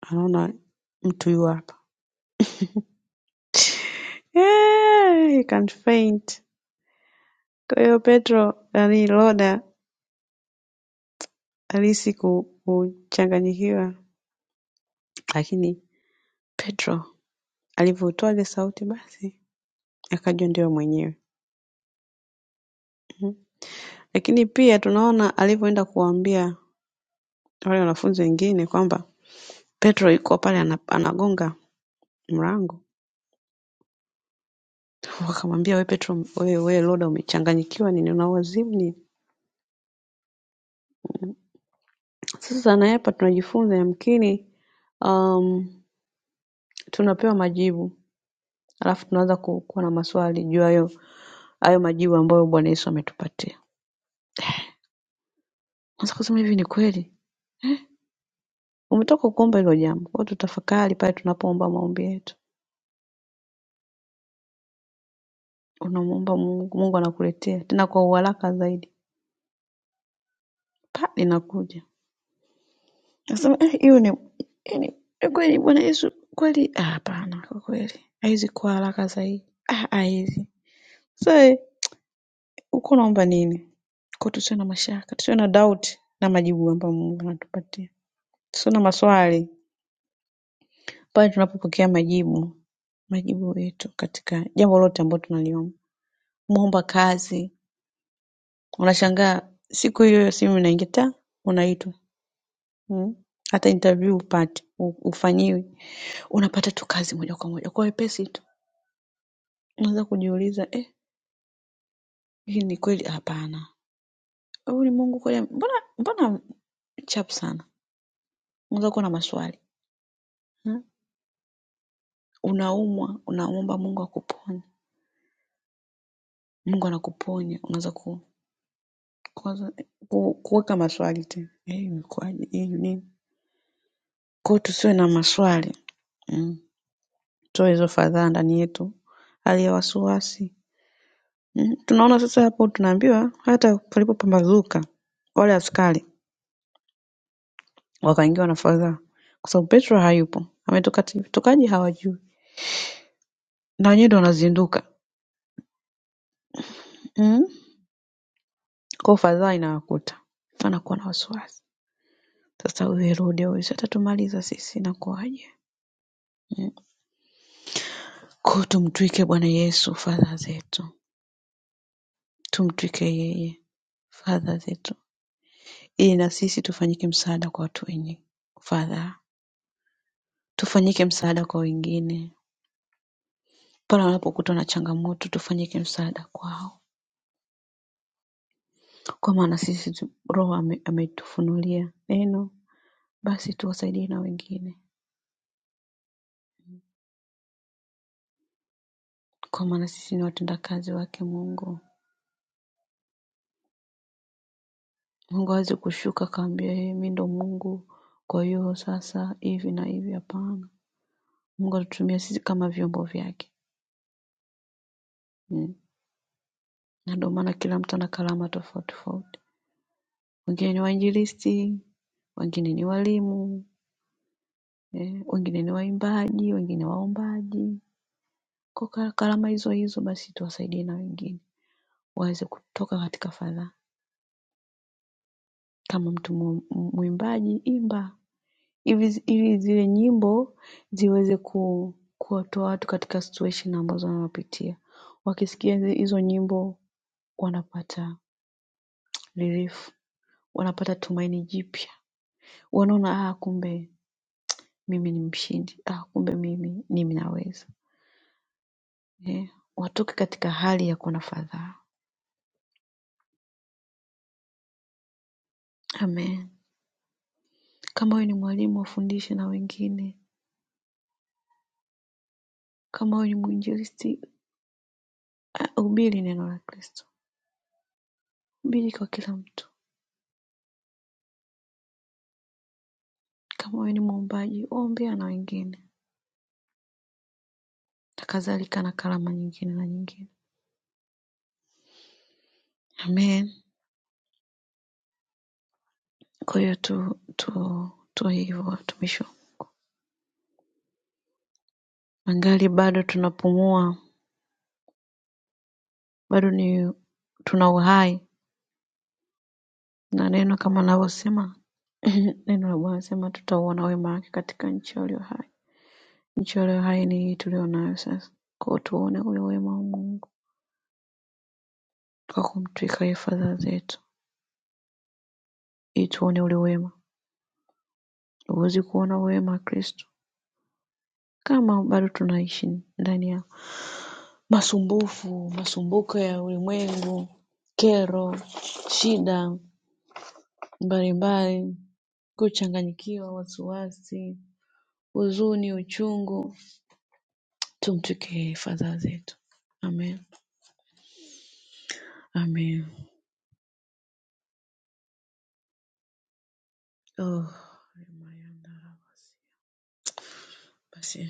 anaona mtu yu hapa. Eh, he can faint. Kwa hiyo Petro ali loda alihisi ku- kuchanganyikiwa, lakini Petro alivyoutoa ile sauti basi akajua ndio mwenyewe Mhm. lakini pia tunaona alivyoenda kuwaambia wale wanafunzi wengine kwamba Petro yuko pale ana- anagonga mlango wakamwambia we Petro wewe we Loda umechanganyikiwa nini una wazimu nini sasa na hapa tunajifunza yamkini um, tunapewa majibu alafu tunaanza ku- kuwa na maswali juu ya hayo hayo majibu ambayo Bwana Yesu ametupatia Sasa kusema hivi ni kweli Umetoka kuomba hilo jambo. Kwa hiyo tutafakari pale tunapoomba maombi yetu. Unamuomba Mungu, Mungu anakuletea tena kwa uharaka zaidi. Pa linakuja. Nasema eh, hiyo ni yani kweli Bwana Yesu kweli ah, hapana kwa kweli. Haizi kwa haraka zaidi. Ah, haizi. Sasa eh, uko unaomba nini? Kwa tusiwe na mashaka, tusiwe na doubt na majibu ambayo Mungu anatupatia. Tusiwe na maswali pale tunapopokea majibu majibu yetu katika jambo lote ambalo tunaliomba. Muomba kazi, Unashangaa siku hiyohiyo simu inaingia ta unaitwa mm? hata interview hupati hu- hufanyiwi unapata tu kazi moja kwa moja kwa wepesi tu unaweza kujiuliza eh, hii ni kweli hapana huyu ni mungu kweli ame- mbona mbona chapu sana unaweza kuwa na maswali mm? unaumwa unamwomba mungu akuponye mungu anakuponya unaweza ku, kuwaza- ku, kuweka maswali tena eh, imekuwaje hii nini kwao tusiwe na maswali mm. tutoe hizo fadhaa ndani yetu, hali ya wasiwasi mm. Tunaona sasa hapo, tunaambiwa hata palipopambazuka wale askari wakaingiwa na fadhaa, kwa sababu Petro hayupo, ametoka tokaji, hawajui na wenyewe ndo wanazinduka mm. Kwa fadhaa inawakuta, anakuwa na wasiwasi sasa, huyu Herode huyu si atatumaliza sisi, inakuwaje? Mm. Kwa tumtwike Bwana Yesu fadhaa zetu, tumtwike yeye fadhaa zetu. ili na sisi tufanyike msaada kwa watu wenye fadhaa, tufanyike msaada kwa wengine pale wanapokutwa na changamoto, tufanyike msaada kwao, kwa maana sisi tu- Roho ame- ametufunulia neno, basi tuwasaidie na wengine, kwa maana sisi ni watendakazi wake Mungu. Mungu hawezi kushuka akaambia yeye mi ndo Mungu, kwa hiyo sasa hivi na hivi. Hapana, Mungu anatutumia sisi kama vyombo vyake mm. Na ndio maana kila mtu ana karama tofauti tofauti. wengine ni wainjilisti, wengine ni walimu eh, wengine ni waimbaji, wengine waombaji. Kwa ka- karama hizo hizo basi tuwasaidie na wengine waweze kutoka katika fadhaa. Kama mtu mu- mu- mwimbaji, imba ili zi- ili zile nyimbo ziweze ku kuwatoa watu katika situation ambazo wanapitia. Wakisikia zi- hizo nyimbo wanapata relief, wanapata tumaini jipya, wanaona ah, kumbe mimi ni mshindi ah, kumbe mimi mimi naweza eh, watoke katika hali ya kuona fadhaa. Amen. Kama wewe ni mwalimu, wafundishe na wengine. Kama wewe ni mwinjilisti, ah, hubiri neno la Kristo, hubiri kwa kila mtu. Kama wewe ni mwombaji, ombea na wengine, na kadhalika na karama nyingine na nyingine. Amen. Kwa hiyo tu tu tu hivyo watumishi, wa- angali bado tunapumua, bado ni tuna uhai na neno kama linavyosema neno la Bwana linasema tutauona wema wake katika nchi ya walio hai. Nchi ya walio hai ni hii tulio nayo sasa, kwa hiyo tuone ule wema wa Mungu kwa kumtwika yeye fadhaa zetu, ili tuone ule wema. Huwezi kuona wema wa Kristo kama bado tunaishi ndani ya masumbufu, masumbuko ya ulimwengu, kero, shida mbalimbali, kuchanganyikiwa, wasiwasi, huzuni, uchungu Tumsikie Father zetu. Amen. Amen. Oh, Ramayana. basi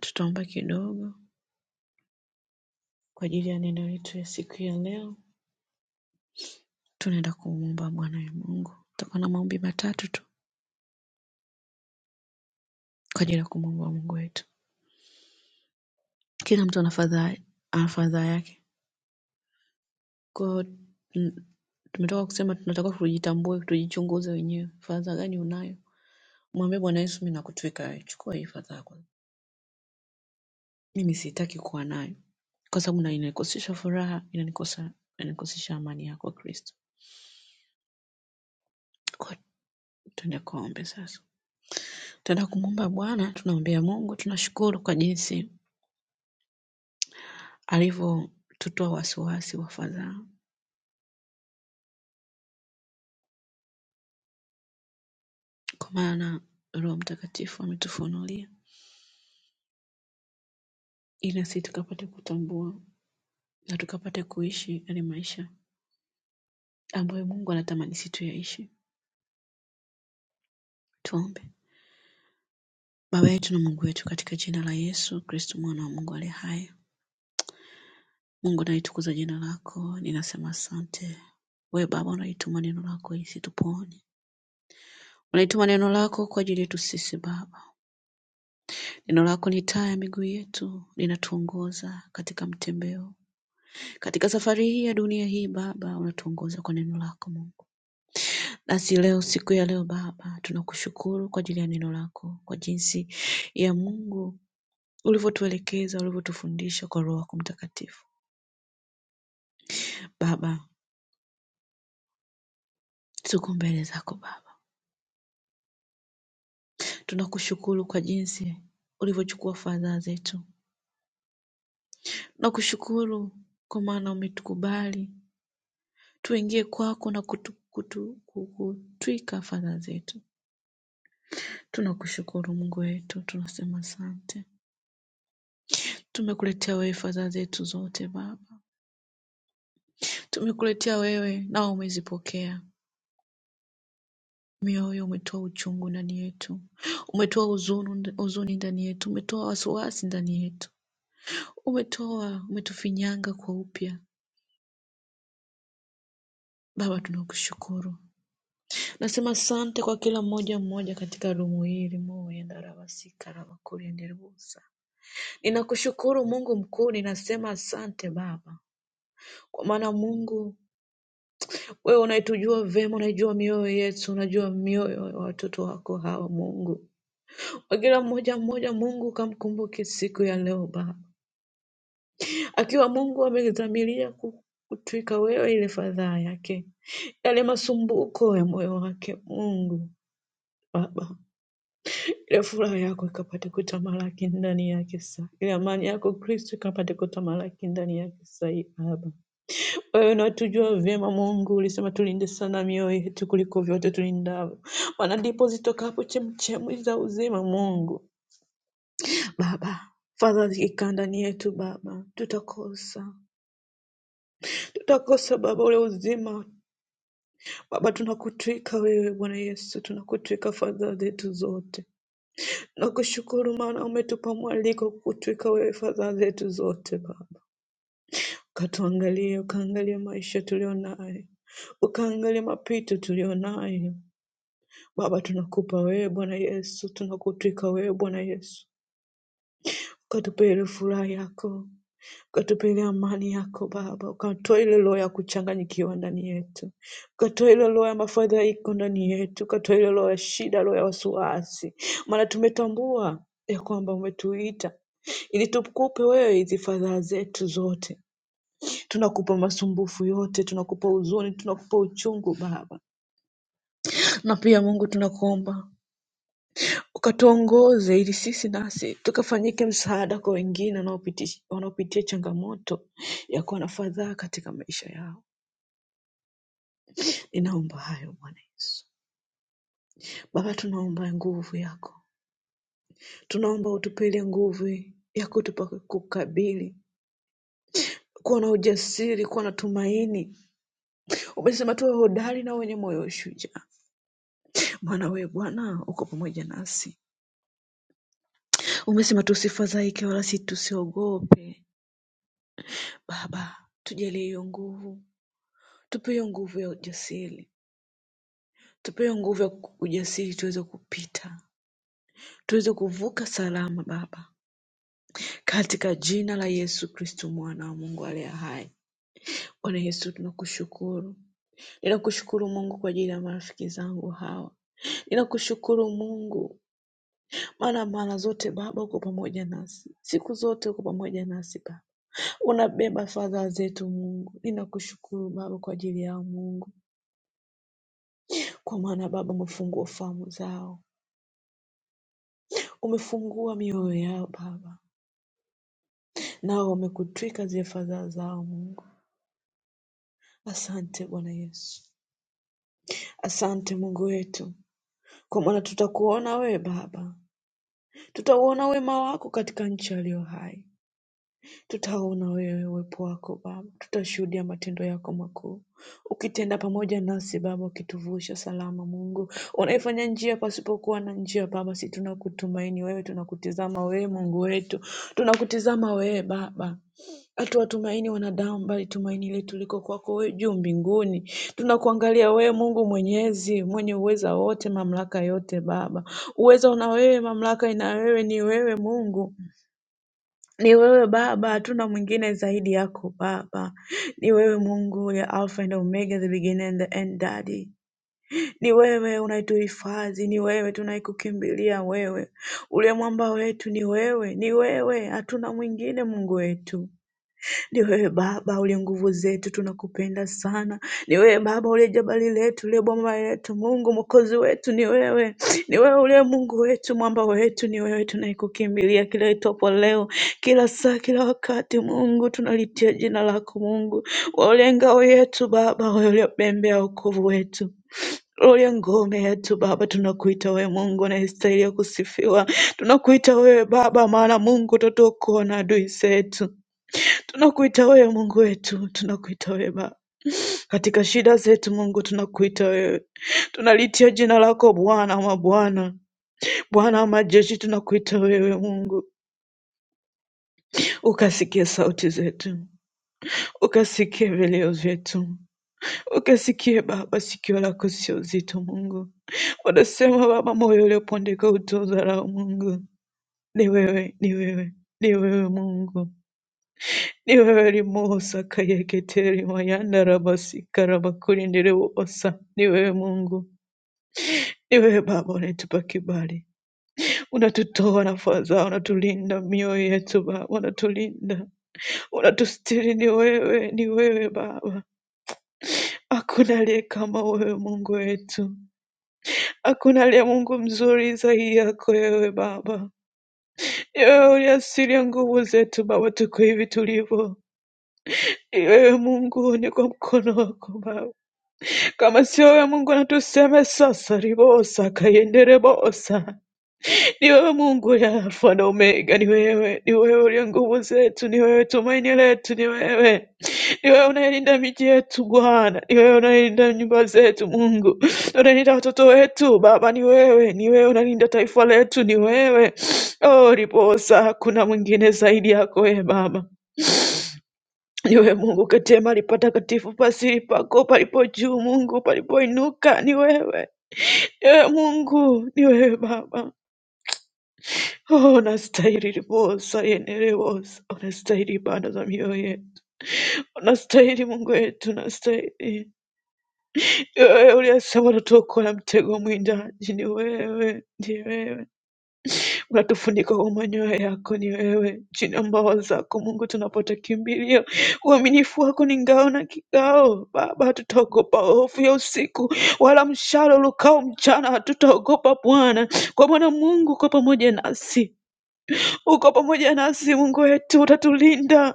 tutaomba kidogo kwa ajili ya neno letu ya siku ya leo. Tunaenda kumwomba Bwana ya Mungu. Tutakuwa na maombi matatu tu kwa ajili ya kumwomba Mungu wetu. Kila mtu ana fadhaa ana fadhaa yake. Kwa hiyo, mm, tumetoka kusema tunatakiwa tujitambue, tujichunguze wenyewe. Fadhaa gani unayo? Mwambie Bwana Yesu, mimi nakutwika wewe. Chukua hii fadhaa mimi sitaki kuwa nayo kwa sababu na inanikosesha furaha inanikosa inanikosesha amani yako kwa kristo Kwa- tuende kuombe sasa tunaenda kumwomba bwana tunaombea mungu tunashukuru kwa jinsi alivyotutoa wasiwasi wa fadhaa kwa maana roho mtakatifu ametufunulia ili nasi tukapate kutambua na tukapate kuishi yale maisha ambayo mungu anatamani sisi tuyaishi tuombe baba yetu na mungu wetu katika jina la yesu kristo mwana wa mungu aliye hai Mungu nalitukuza jina lako, ninasema asante. We Baba unaituma neno lako isitupoone, unaituma neno lako kwa ajili yetu sisi Baba. Neno lako ni taa ya miguu yetu, linatuongoza katika mtembeo, katika safari hii ya dunia hii Baba, unatuongoza kwa neno lako Mungu. Nasi leo, siku ya leo Baba, tunakushukuru kwa ajili ya neno lako, kwa jinsi ya Mungu ulivyotuelekeza, ulivyotufundisha kwa Roho yako Mtakatifu. Baba, tuko mbele zako Baba Tunakushukuru kwa jinsi ulivyochukua fadhaa zetu. Tunakushukuru kwa maana umetukubali tuingie kwako na kutu- kutu- kukutwika fadhaa zetu. Tunakushukuru Mungu wetu, tunasema asante. Tumekuletea wewe fadhaa zetu zote Baba, tumekuletea wewe nawe umezipokea. Mioyo umetoa uchungu ndani yetu, umetoa huzuni, huzuni ndani yetu, umetoa wasiwasi ndani yetu, umetoa umetufinyanga kwa upya. Baba, tunakushukuru Nasema asante kwa kila mmoja mmoja katika rumu hii limoyendarabasika rabakuryenderbusa. Ninakushukuru Mungu mkuu, ninasema asante Baba, kwa maana Mungu wewe unaitujua vema, unaijua mioyo yetu, unajua mioyo ya watoto wako hawa Mungu. Kwa kila mmoja mmoja, Mungu kamkumbuke siku ya leo Baba, akiwa Mungu amedhamiria ku- kutwika wewe ile fadhaa yake, yale masumbuko ya moyo wake Mungu Baba Ile furaha yako ikapate kutamalaki ndani yake saa. Ile amani yako Kristo ikapate kutamalaki ndani yake saa hii Baba. Wewe unatujua vyema Mungu, ulisema tulinde sana mioyo yetu kuliko vyote tulindavyo, maana ndipo zitokapo chemchemi za uzima Mungu. Baba, fadhali ikaa ndani yetu Baba, tutakosa tutakosa Baba ule uzima Baba, tunakutwika wewe Bwana Yesu, tunakutwika fadhaa zetu zote Nakushukuru maana umetupa mwaliko kutuweka wewe fadhaa zetu zote Baba, ukatuangalie, ukaangalie maisha tulionayo, ukaangalie mapito tulionayo Baba. Tunakupa wewe Bwana Yesu, tunakutwika wewe Bwana Yesu, ukatupe ile furaha yako ukatupe ile amani yako Baba, ukatoe ile roho ya kuchanganyikiwa ndani yetu, ukatoe ile roho ya mafadhaiko ndani yetu, ukatoe ile roho ya shida, roho ya wasiwasi, maana tumetambua ya kwamba umetuita ili tukupe wewe hizi fadhaa zetu zote. Tunakupa masumbufu yote, tunakupa huzuni, tunakupa uchungu Baba, na pia Mungu tunakuomba ukatuongoze ili sisi nasi tukafanyike msaada kwa wengine wanaopiti- wanaopitia changamoto ya kuwa na fadhaa katika maisha yao. Ninaomba hayo Bwana Yesu. Baba, tunaomba nguvu yako, tunaomba utupelie nguvu ya kutupa kukabili, kuwa na ujasiri, kuwa na tumaini. Umesema tuwe hodari na wenye moyo wa shujaa, maana wewe Bwana uko pamoja nasi. Umesema tusifadhaike wala si tusiogope. Baba, tujalie hiyo nguvu Tupewe nguvu ya ujasiri, tupewe nguvu ya ujasiri tuweze kupita, tuweze kuvuka salama Baba, katika jina la Yesu Kristo mwana wa Mungu aliye hai. Bwana Yesu, tunakushukuru, ninakushukuru Mungu kwa ajili ya marafiki zangu hawa Ninakushukuru Mungu, maana mara zote Baba uko pamoja nasi, siku zote uko pamoja nasi Baba, unabeba fadhaa zetu Mungu. Ninakushukuru Baba kwa ajili yao Mungu, kwa maana Baba umefungua fahamu zao, Umefungua mioyo yao Baba, nao wamekutwika zile fadhaa zao Mungu. Asante Bwana Yesu, asante Mungu wetu, kwa maana tutakuona wewe Baba, tutauona wema wako katika nchi aliyo hai. Tutauona wewe uwepo wako Baba, tutashuhudia matendo yako makuu, ukitenda pamoja nasi Baba, ukituvusha salama Mungu, unaifanya njia pasipokuwa na njia Baba, si tunakutumaini wewe, tunakutizama wewe Mungu wetu, tunakutizama wewe Baba hatuwatumaini wanadamu, bali tumaini letu liko kwako wewe juu mbinguni. Tunakuangalia wewe Mungu Mwenyezi, mwenye uweza wote, mamlaka yote Baba. Uweza una wewe, mamlaka ina wewe, ni wewe Mungu. Ni wewe Baba, hatuna mwingine zaidi yako Baba. Ni wewe Mungu ya Alpha and Omega, the beginning and the end, Daddy. Ni wewe unayetuhifadhi, ni wewe tunayekukimbilia wewe. Ule mwamba wetu ni wewe, ni wewe, hatuna mwingine Mungu wetu. Ni wewe Baba uliye nguvu zetu, tunakupenda sana. Ni wewe Baba uliye jabali letu, uliye boma letu, Mungu mwokozi wetu ni wewe. Ni wewe uliye Mungu wetu, mwamba wetu ni wewe, tunayekukimbilia kila itwapo leo, kila saa, kila wakati. Mungu tunalitia jina lako, Mungu wewe uliye ngao yetu Baba, wewe uliye pembe ya wokovu wetu uliye ngome yetu Baba, tunakuita wewe Mungu unayestahili ya kusifiwa. Tunakuita wewe Baba, maana Mungu utatuokoa na adui zetu. Tunakuita wewe Mungu wetu, tunakuita wewe Baba. Katika shida zetu Mungu tunakuita wewe. Tunalitia jina lako Bwana wa mabwana, Bwana wa majeshi tunakuita wewe Mungu. Ukasikie sauti zetu, ukasikie vilio vyetu, ukasikie Baba, sikio lako sio zito Mungu. Wanasema Baba, moyo uliopondeka utodharau Mungu. Ni wewe, ni wewe, ni wewe Mungu. Niwewe Mosa kayeketeri mayanda rabasi karabakurindire wosa. Ni wewe Mungu, ni wewe Baba unayetupa kibali, unatutoa na fadhaa, unatulinda mioyo yetu Baba, unatulinda, unatustiri. Ni wewe, ni wewe Baba, hakuna aliye kama wewe Mungu wetu, hakuna aliye Mungu mzuri zaidi yako wewe Baba. Ni wewe uliasiria nguvu zetu Baba, tuko hivi tulivyo. Ni wewe Mungu, ni kwa mkono wako Baba Kama sio wewe Mungu anatusema sasa, ribosa kayendere bosa. Ni wewe Mungu ya Alfa na Omega, ni wewe, ni wewe uliye nguvu zetu, ni wewe tumaini letu, ni wewe, ni wewe unayelinda miji yetu Bwana, ni wewe unayelinda nyumba zetu Mungu, unalinda watoto wetu Baba, ni wewe, ni wewe unalinda taifa letu, ni wewe. Oh, ribosa, hakuna mwingine zaidi yako e Baba. Niwe Mungu katie mahali patakatifu pasiri pako palipo juu, Mungu palipoinuka ni wewe. Ewe Mungu ni wewe Baba. Oh, unastahili liposa yenerewosa, unastahili ibada za mioyo yetu, unastahili Mungu wetu, unastahili. Ni Wewe uliyesema utatuokoa na mtego wa mwindaji, ni wewe, ni wewe. Watufunika kwa manyoya yako, ni wewe chini ya mbawa zako Mungu tunapotakimbilia. Uaminifu wako ni ngao na kikao. Baba, hatutaogopa hofu ya usiku, wala mshale ulukao mchana hatutaogopa Bwana, kwa maana Mungu uko pamoja nasi. Uko pamoja nasi Mungu wetu, utatulinda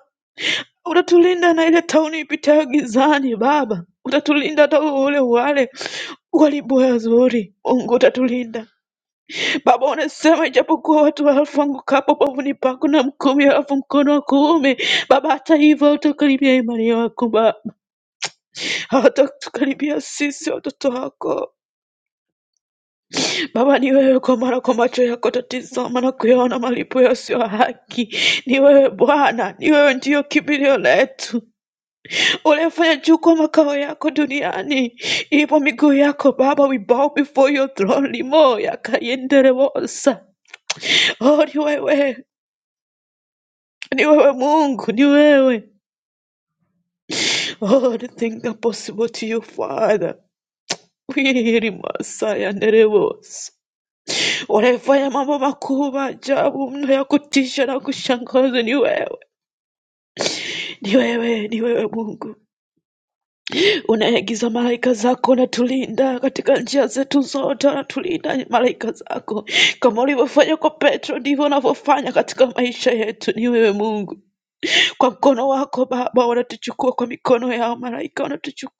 utatulinda na ile tauni ipitayo gizani. Baba, utatulinda hata ule wale walibu wazuri. Mungu utatulinda Baba, unasema ijapokuwa watu wafanguka hapo pavuni pako na mkumi alafu mkono wa kuume, Baba, hata hivyo hautakaribia imani yako Baba, hawatatukaribia sisi watoto wako Baba. Ni wewe, kwa maana kwa macho yako tatizama na kuyaona malipo yasiyo haki. Ni wewe Bwana, ni wewe ndiyo kimbilio letu, uliyefanya juu kwa makao yako duniani ipo miguu yako Baba. We bow before your throne, limo yakayendere wosa. Oh, ni wewe Ni wewe Mungu, ni wewe. All things are possible to you Father. Wili Masaya Nerevos. Unayefanya mambo makuu, maajabu mno ya kutisha na kushangaza ni wewe. Ni wewe, ni wewe Mungu. Unaagiza malaika zako na tulinda katika njia zetu zote, anatulinda malaika zako. Kama ulivyofanya kwa Petro, ndivyo unavyofanya katika maisha yetu. Ni wewe Mungu, kwa mkono wako Baba wanatuchukua, kwa mikono yao malaika wanatuchukua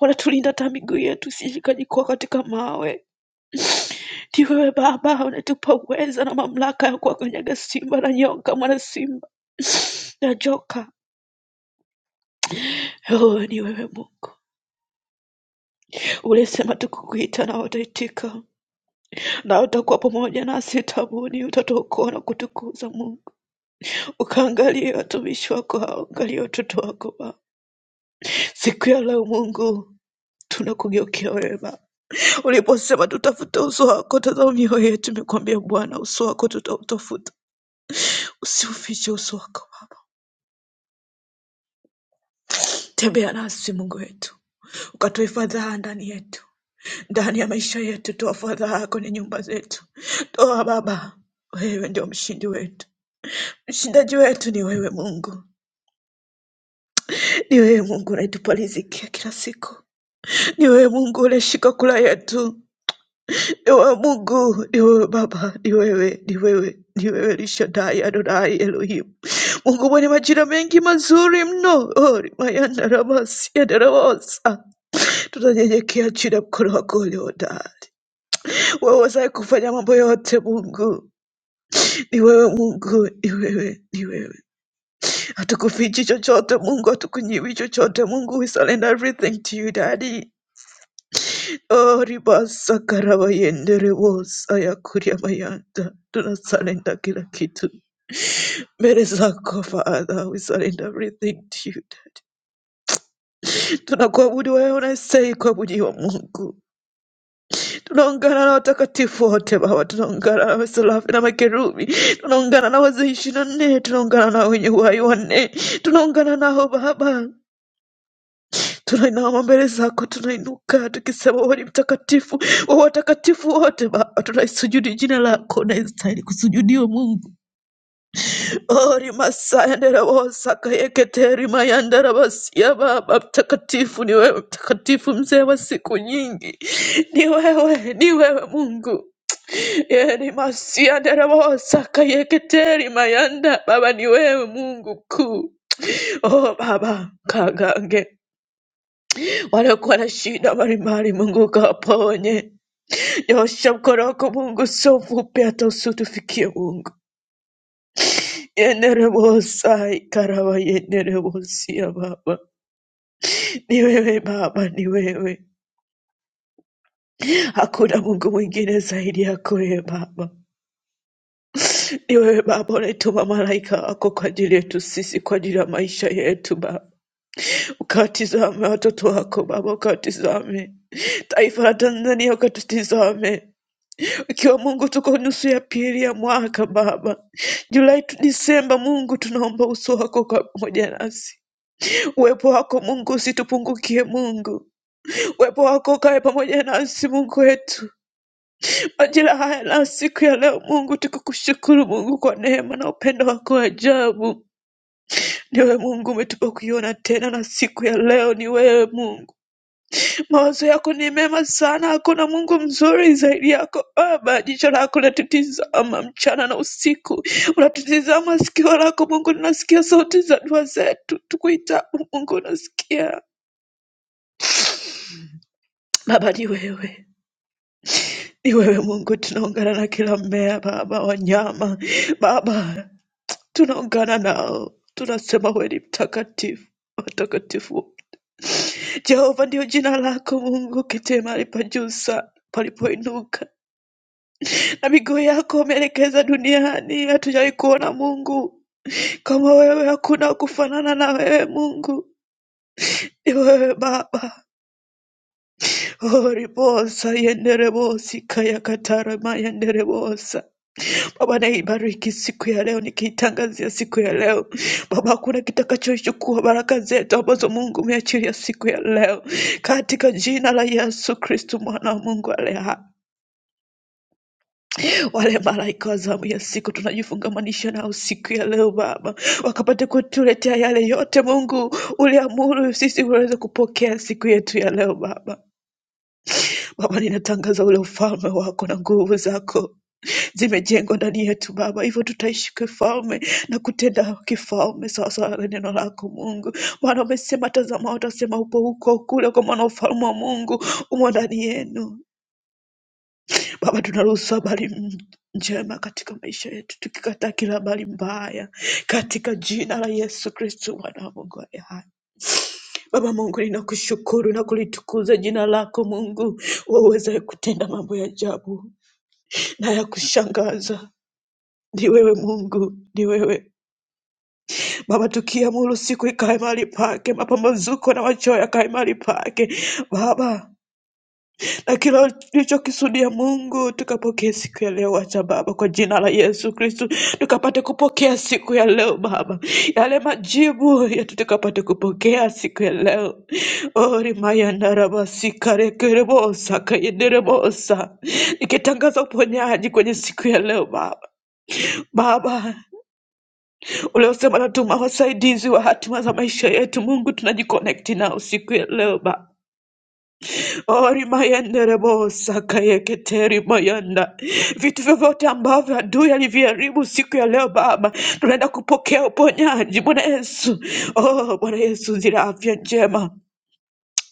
wanatulinda hata miguu yetu isishikajikwa katika mawe. Ni wewe Baba unatupa uweza na mamlaka ya kuwakanyaga simba na nyoka, mwana simba na joka. Oh, ni wewe Mungu ulisema tukukuita na wataitika na utakuwa pamoja nasi tabuni, utatuokoa na kutukuza Mungu. Ukaangalie watumishi wako hao, angalia watoto wako Baba siku ya leo Mungu tunakugeukia wewe Baba Uliposema tutafute uso wako, tazama mioyo yetu imekwambia Bwana, uso wako tutautafuta, usiufiche uso wako Baba. Tembea nasi Mungu wetu, ukatoe fadhaa ndani yetu, ndani ya maisha yetu, toa fadhaa kwenye nyumba zetu, toa Baba. Wewe ndio mshindi wetu, mshindaji wetu ni wewe Mungu, ni wewe Mungu unayetupa riziki ya kila siku, ni wewe Mungu unayeshika kula yetu, Ewe Mungu, ni wewe Baba, ni wewe, ni wewe, ni wewe Rishadai Adonai Elohim, Mungu mwenye majina mengi mazuri mno. Oh, rimayandarabasiandarabosa. Tunanyenyekea chini ya mkono wako ulio hodari, wewe wazaye kufanya mambo yote. Mungu ni wewe, Mungu ni wewe, ni wewe. Hatukufichi chochote Mungu, hatukunyimi chochote Mungu, we surrender everything to you Daddy. Oribasa karabayendere wose ayakuriamayanda. Do not surrender kila kitu mbele zako Father. We surrender everything to you Daddy. Tunakuabudu wewe unastahili kuabudiwa Mungu. Tunaungana na watakatifu wote Baba, tunaungana na maserafi na makerubi, tunaungana na wazee ishirini na nne, tunaungana na wenye uhai wanne, tunaungana nao Baba. Tunainama mbele zako, tunainuka tukisema wewe ni mtakatifu wa watakatifu wote. Baba, tunaisujudi jina lako, naistahili kusujudiwa Mungu. Ori masayandaraosakayeketeri mayandarabasia. Baba mtakatifu ni wewe, mtakatifu mzee wa siku nyingi, ni wewe, ni wewe Mungu. Yeri masiyandaraosakayeketeri mayanda. Baba ni wewe Mungu mkuu. Oh Baba, kagange waliokuwa na shida mbalimbali, Mungu ukawaponye. Nyosha mkono wako Mungu, sio mfupi hata usiotufikie Mungu. Yeneremosai karaba yeneremosia Baba, ni wewe Baba, ni wewe, hakuna Mungu mwingine zaidi yako wewe Baba. Ni wewe Baba unaituma malaika wako kwa ajili yetu sisi, kwa ajili ya maisha yetu Baba. Ukawatizame watoto wako Baba, ukawatizame taifa la Tanzania, ukatutizame Ikiwa Mungu tuko nusu ya pili ya mwaka Baba, Julai tu Disemba, Mungu tunaomba uso wako ukawe pamoja nasi, uwepo wako Mungu usitupungukie Mungu, uwepo wako ukawe pamoja nasi Mungu wetu, majira haya na siku ya leo Mungu tukukushukuru Mungu kwa neema na upendo wako wa ajabu. Ni wewe Mungu umetupa kuiona tena, na siku ya leo ni wewe Mungu Mawazo yako ni mema sana, hakuna Mungu mzuri zaidi yako Baba. Jicho lako linatutizama mchana na usiku, unatutizama sikio lako Mungu, linasikia sauti za dua zetu, tukuitapo Mungu unasikia. Baba ni wewe, ni wewe Mungu, tunaungana na kila mmea Baba, wanyama Baba, tunaungana nao, tunasema wewe ni mtakatifu, watakatifu Jehova ndio jina lako Mungu, kiti mahali pa juu sana palipoinuka na miguu yako umeelekeza duniani. Hatujawahi kuona Mungu kama wewe, hakuna kufanana na wewe Mungu. Ni wewe Baba. Oh, ribosa yenderebosi kaya katara mayenderebosa. Baba, naibariki siku ya leo, nikiitangazia siku ya leo Baba, hakuna kitakachoichukua baraka zetu ambazo Mungu umeachilia siku ya leo, katika jina la Yesu Kristo mwana wa Mungu aliye hai. wale malaika wa zamu ya siku tunajifungamanisha nao siku ya leo Baba, wakapate kutuletea yale yote Mungu uliamuru sisi uweze kupokea siku yetu ya leo Baba. Baba, ninatangaza ule ufalme wako na nguvu zako zimejengwa ndani yetu Baba, hivyo tutaishi kifalme na kutenda kifalme sawasawa na neno lako Mungu, maana umesema, tazama, watasema upo huko kule, kwa maana ufalme wa Mungu umo ndani yenu. Baba, tunaruhusu habari m- njema katika maisha yetu, tukikataa kila habari mbaya katika jina la Yesu Kristo, mwana wa Mungu aliye hai. Baba Mungu, ninakushukuru na kulitukuza jina lako Mungu, waweza kutenda mambo ya ajabu na ya kushangaza. Ni wewe Mungu, ni wewe Baba, tukiamuru siku ikae mahali pake, mapambazuko na machoyo yakae mahali pake Baba na kila tulichokisudia Mungu tukapokea siku ya leo, acha Baba, kwa jina la Yesu Kristo, tukapate kupokea siku ya leo Baba, yale majibu yetu tukapate kupokea siku ya leo. orimayandarabasikarekerebosa kayenderebosa, nikitangaza uponyaji kwenye siku ya leo Baba. Baba uliosema natuma wasaidizi wa hatima za maisha yetu, Mungu tunajiconnect nao siku ya leo Baba. Ori mayende rebo sakaya keteri mayanda. Vitu vyovyote ambavyo adui aliviharibu siku ya leo Baba, tunaenda kupokea uponyaji Bwana Yesu. Oh Bwana Yesu, zile afya njema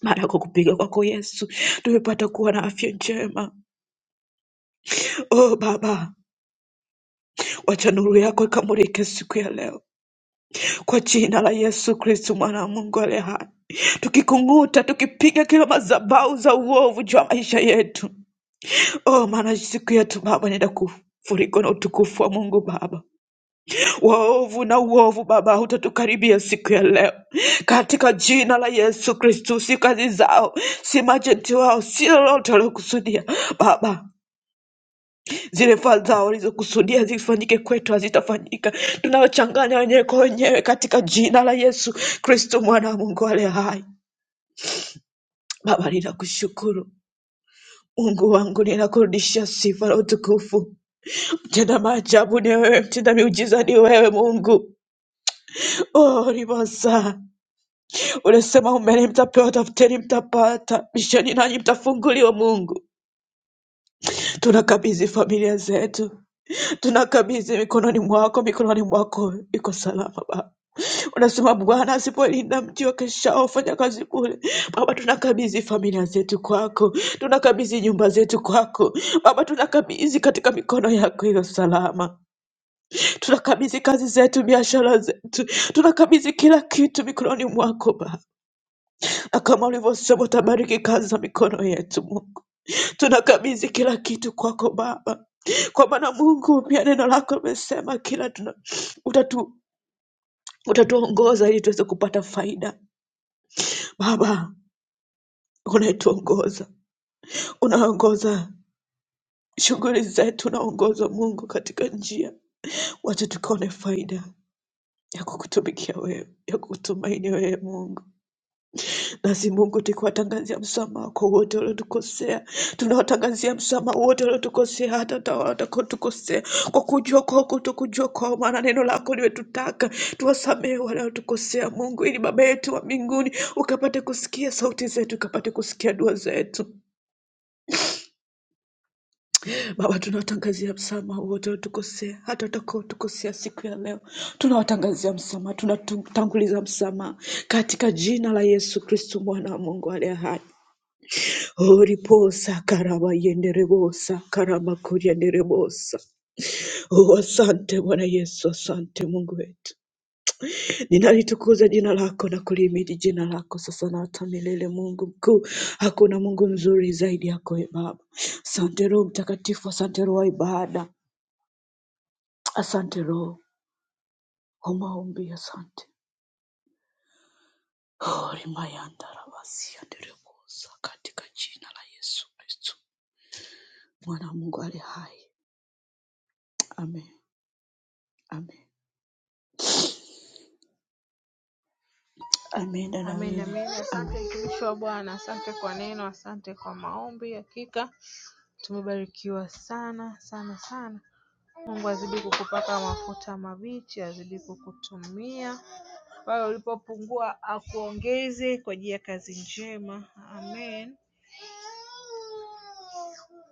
mara kwa kupiga kwako Yesu tumepata kuwa na afya njema. Oh Baba, wacha nuru yako ikamulike siku ya leo kwa jina la Yesu Kristo mwana wa Mungu aliye hai, tukikung'uta, tukipiga kila madhabahu za uovu juu ya maisha yetu. Oh maana siku yetu Baba inaenda kufurikwa na utukufu wa Mungu Baba. Waovu na uovu Baba hautatukaribia siku ya leo, katika jina la Yesu Kristu. Si kazi zao, si majenti wao, si lolote waliokusudia Baba, zile fadhaa zao walizokusudia zifanyike kwetu hazitafanyika. Tunaochanganya wenyewe kwa wenyewe, katika jina la Yesu Kristu, mwana wa Mungu aliye hai. Baba, ninakushukuru Mungu wangu, ninakurudishia sifa na utukufu. Tenda maajabu ni wewe, mtenda miujiza ni wewe Mungu. Oh, Ribasa, unasema umeni mtapewa, tafuteni mtapata, bisheni nanyi mtafunguliwa. Mungu, tunakabidhi familia zetu, tunakabidhi mikononi mwako, mikononi mwako iko salama Baba. Unasema Bwana asipolinda mji wakesha wafanya kazi kule. Baba, tunakabidhi familia zetu kwako, tunakabidhi nyumba zetu kwako Baba, tunakabidhi katika mikono yako iliyo salama. tunakabidhi kazi zetu, biashara zetu, tunakabidhi kila kitu mikononi mwako Baba. Na kama ulivyosema utabariki kazi za mikono yetu Mungu, tunakabidhi kila kitu kwako Baba, kwa maana Mungu pia neno lako limesema kila tuna, utatu, utatuongoza ili tuweze kupata faida. Baba unayetuongoza, unaongoza shughuli zetu, unaongoza Mungu katika njia, wacha tukaone faida ya kukutumikia wewe, ya kukutumaini wewe Mungu. Basi Mungu tukiwatangazia msamaha wako wote waliotukosea, tunawatangazia msamaha wote waliotukosea, hata ta- watakaotukosea kwa kujua kwako, tokujua kwao, maana neno lako limetutaka tuwasamehe wanaotukosea, Mungu, ili Baba yetu wa mbinguni ukapate kusikia sauti zetu, ukapate kusikia dua zetu. Baba, tunawatangazia msamaha wote waliotukosea, hata watakaotukosea siku ya leo, tunawatangazia msamaha, tunatanguliza msamaha katika jina la Yesu Kristo, mwana wa Mungu aliye hai. Oriposa karaba yenderebosa karama kurienderebosa. Oh, asante Bwana Yesu, asante Mungu wetu, ninalitukuza jina lako na kulimidi jina lako sasa na hata milele. Mungu mkuu, hakuna Mungu mzuri zaidi yako e Baba. Asante Roho Mtakatifu, asante Roho wa ibada, asante Roho wa maombi, asante Oh, rimayanda rabasi yenderebosa katika jina la Yesu Kristo mwana wa Mungu ali hai. Amen, amen. Ameenda Amen, dawini amen. Asante mtumishi wa Bwana, asante kwa neno, asante kwa maombi. Hakika tumebarikiwa sana sana sana. Mungu azidi kukupaka mafuta mabichi, azidi kukutumia pale ulipopungua akuongeze kwa ajili ya kazi njema. Amen,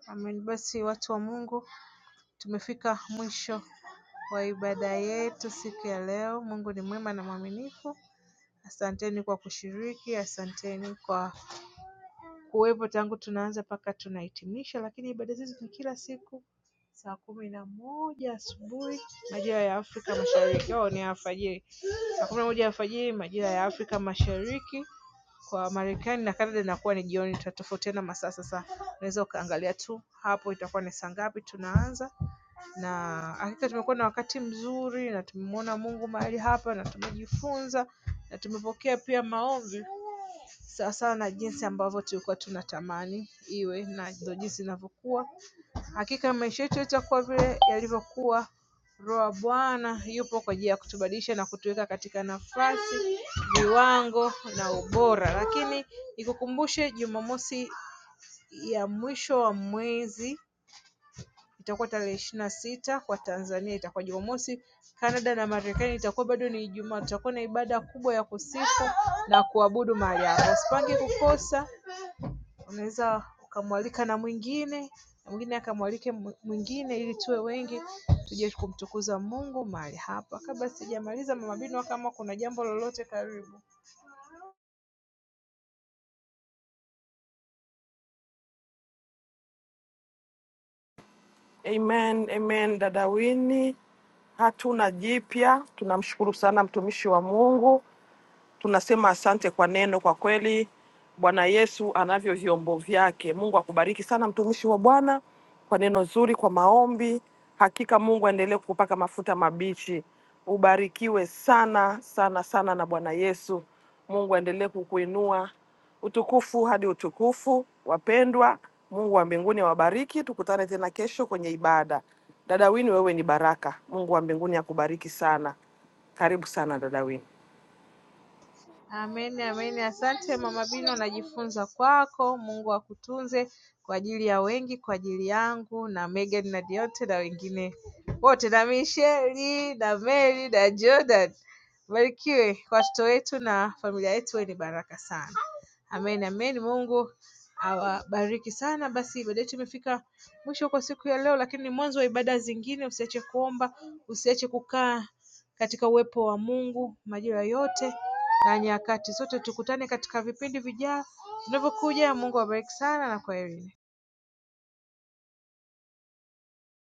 amen. Basi watu wa Mungu, tumefika mwisho wa ibada yetu siku ya leo. Mungu ni mwema na mwaminifu. Asanteni kwa kushiriki, asanteni kwa kuwepo tangu tunaanza mpaka tunahitimisha. Lakini ibada hizi ni kila siku saa kumi na moja asubuhi majira ya Afrika Mashariki. Oh, ni alfajiri. Saa kumi na moja alfajiri majira ya Afrika Mashariki kwa Marekani na Canada inakuwa ni jioni, tutatofautiana masaa sasa. Unaweza ukaangalia tu hapo itakuwa ni saa ngapi tunaanza na hakika tumekuwa na wakati mzuri na tumemwona Mungu mahali hapa na tumejifunza na tumepokea pia maombi sawasawa na jinsi ambavyo tulikuwa tunatamani iwe na ndo jinsi inavyokuwa. Hakika maisha yetu yatakuwa vile yalivyokuwa. Roho wa Bwana yupo kwa ajili ya kutubadilisha na kutuweka katika nafasi, viwango na ubora. Lakini nikukumbushe Jumamosi ya mwisho wa mwezi itakuwa tarehe ishirini na sita kwa Tanzania itakuwa Jumamosi Canada na Marekani itakuwa bado ni Ijumaa tutakuwa na ibada kubwa ya kusifu na kuabudu mahali hapo usipange kukosa unaweza ukamwalika na mwingine na mwingine akamwalike mwingine ili tuwe wengi tuje kumtukuza Mungu mahali hapa kabla sijamaliza mama bino kama kuna jambo lolote karibu Amen, amen. Dada Wini, hatuna jipya. Tunamshukuru sana mtumishi wa Mungu. Tunasema asante kwa neno, kwa kweli Bwana Yesu anavyo vyombo vyake. Mungu akubariki sana mtumishi wa Bwana kwa neno zuri, kwa maombi. Hakika Mungu aendelee kukupaka mafuta mabichi, ubarikiwe sana sana sana na Bwana Yesu. Mungu aendelee kukuinua utukufu hadi utukufu. Wapendwa, Mungu wa mbinguni awabariki. Tukutane tena kesho kwenye ibada. Dada Wini, wewe ni baraka. Mungu wa mbinguni akubariki sana. Karibu sana dada Wini. Amen amen asante mama Bino najifunza kwako Mungu akutunze kwa ajili ya wengi kwa ajili yangu na Megan na Diote na wengine wote na Michelle, na Mary na Jordan barikiwe kwa watoto wetu na familia yetu ni baraka sana amen amen Mungu awabariki sana basi ibada yetu imefika mwisho kwa siku ya leo lakini ni mwanzo wa ibada zingine usiache kuomba usiache kukaa katika uwepo wa Mungu majira yote na nyakati. Sote tukutane katika vipindi vijavyo vinavyokuja. Mungu awabariki sana na kwaherini.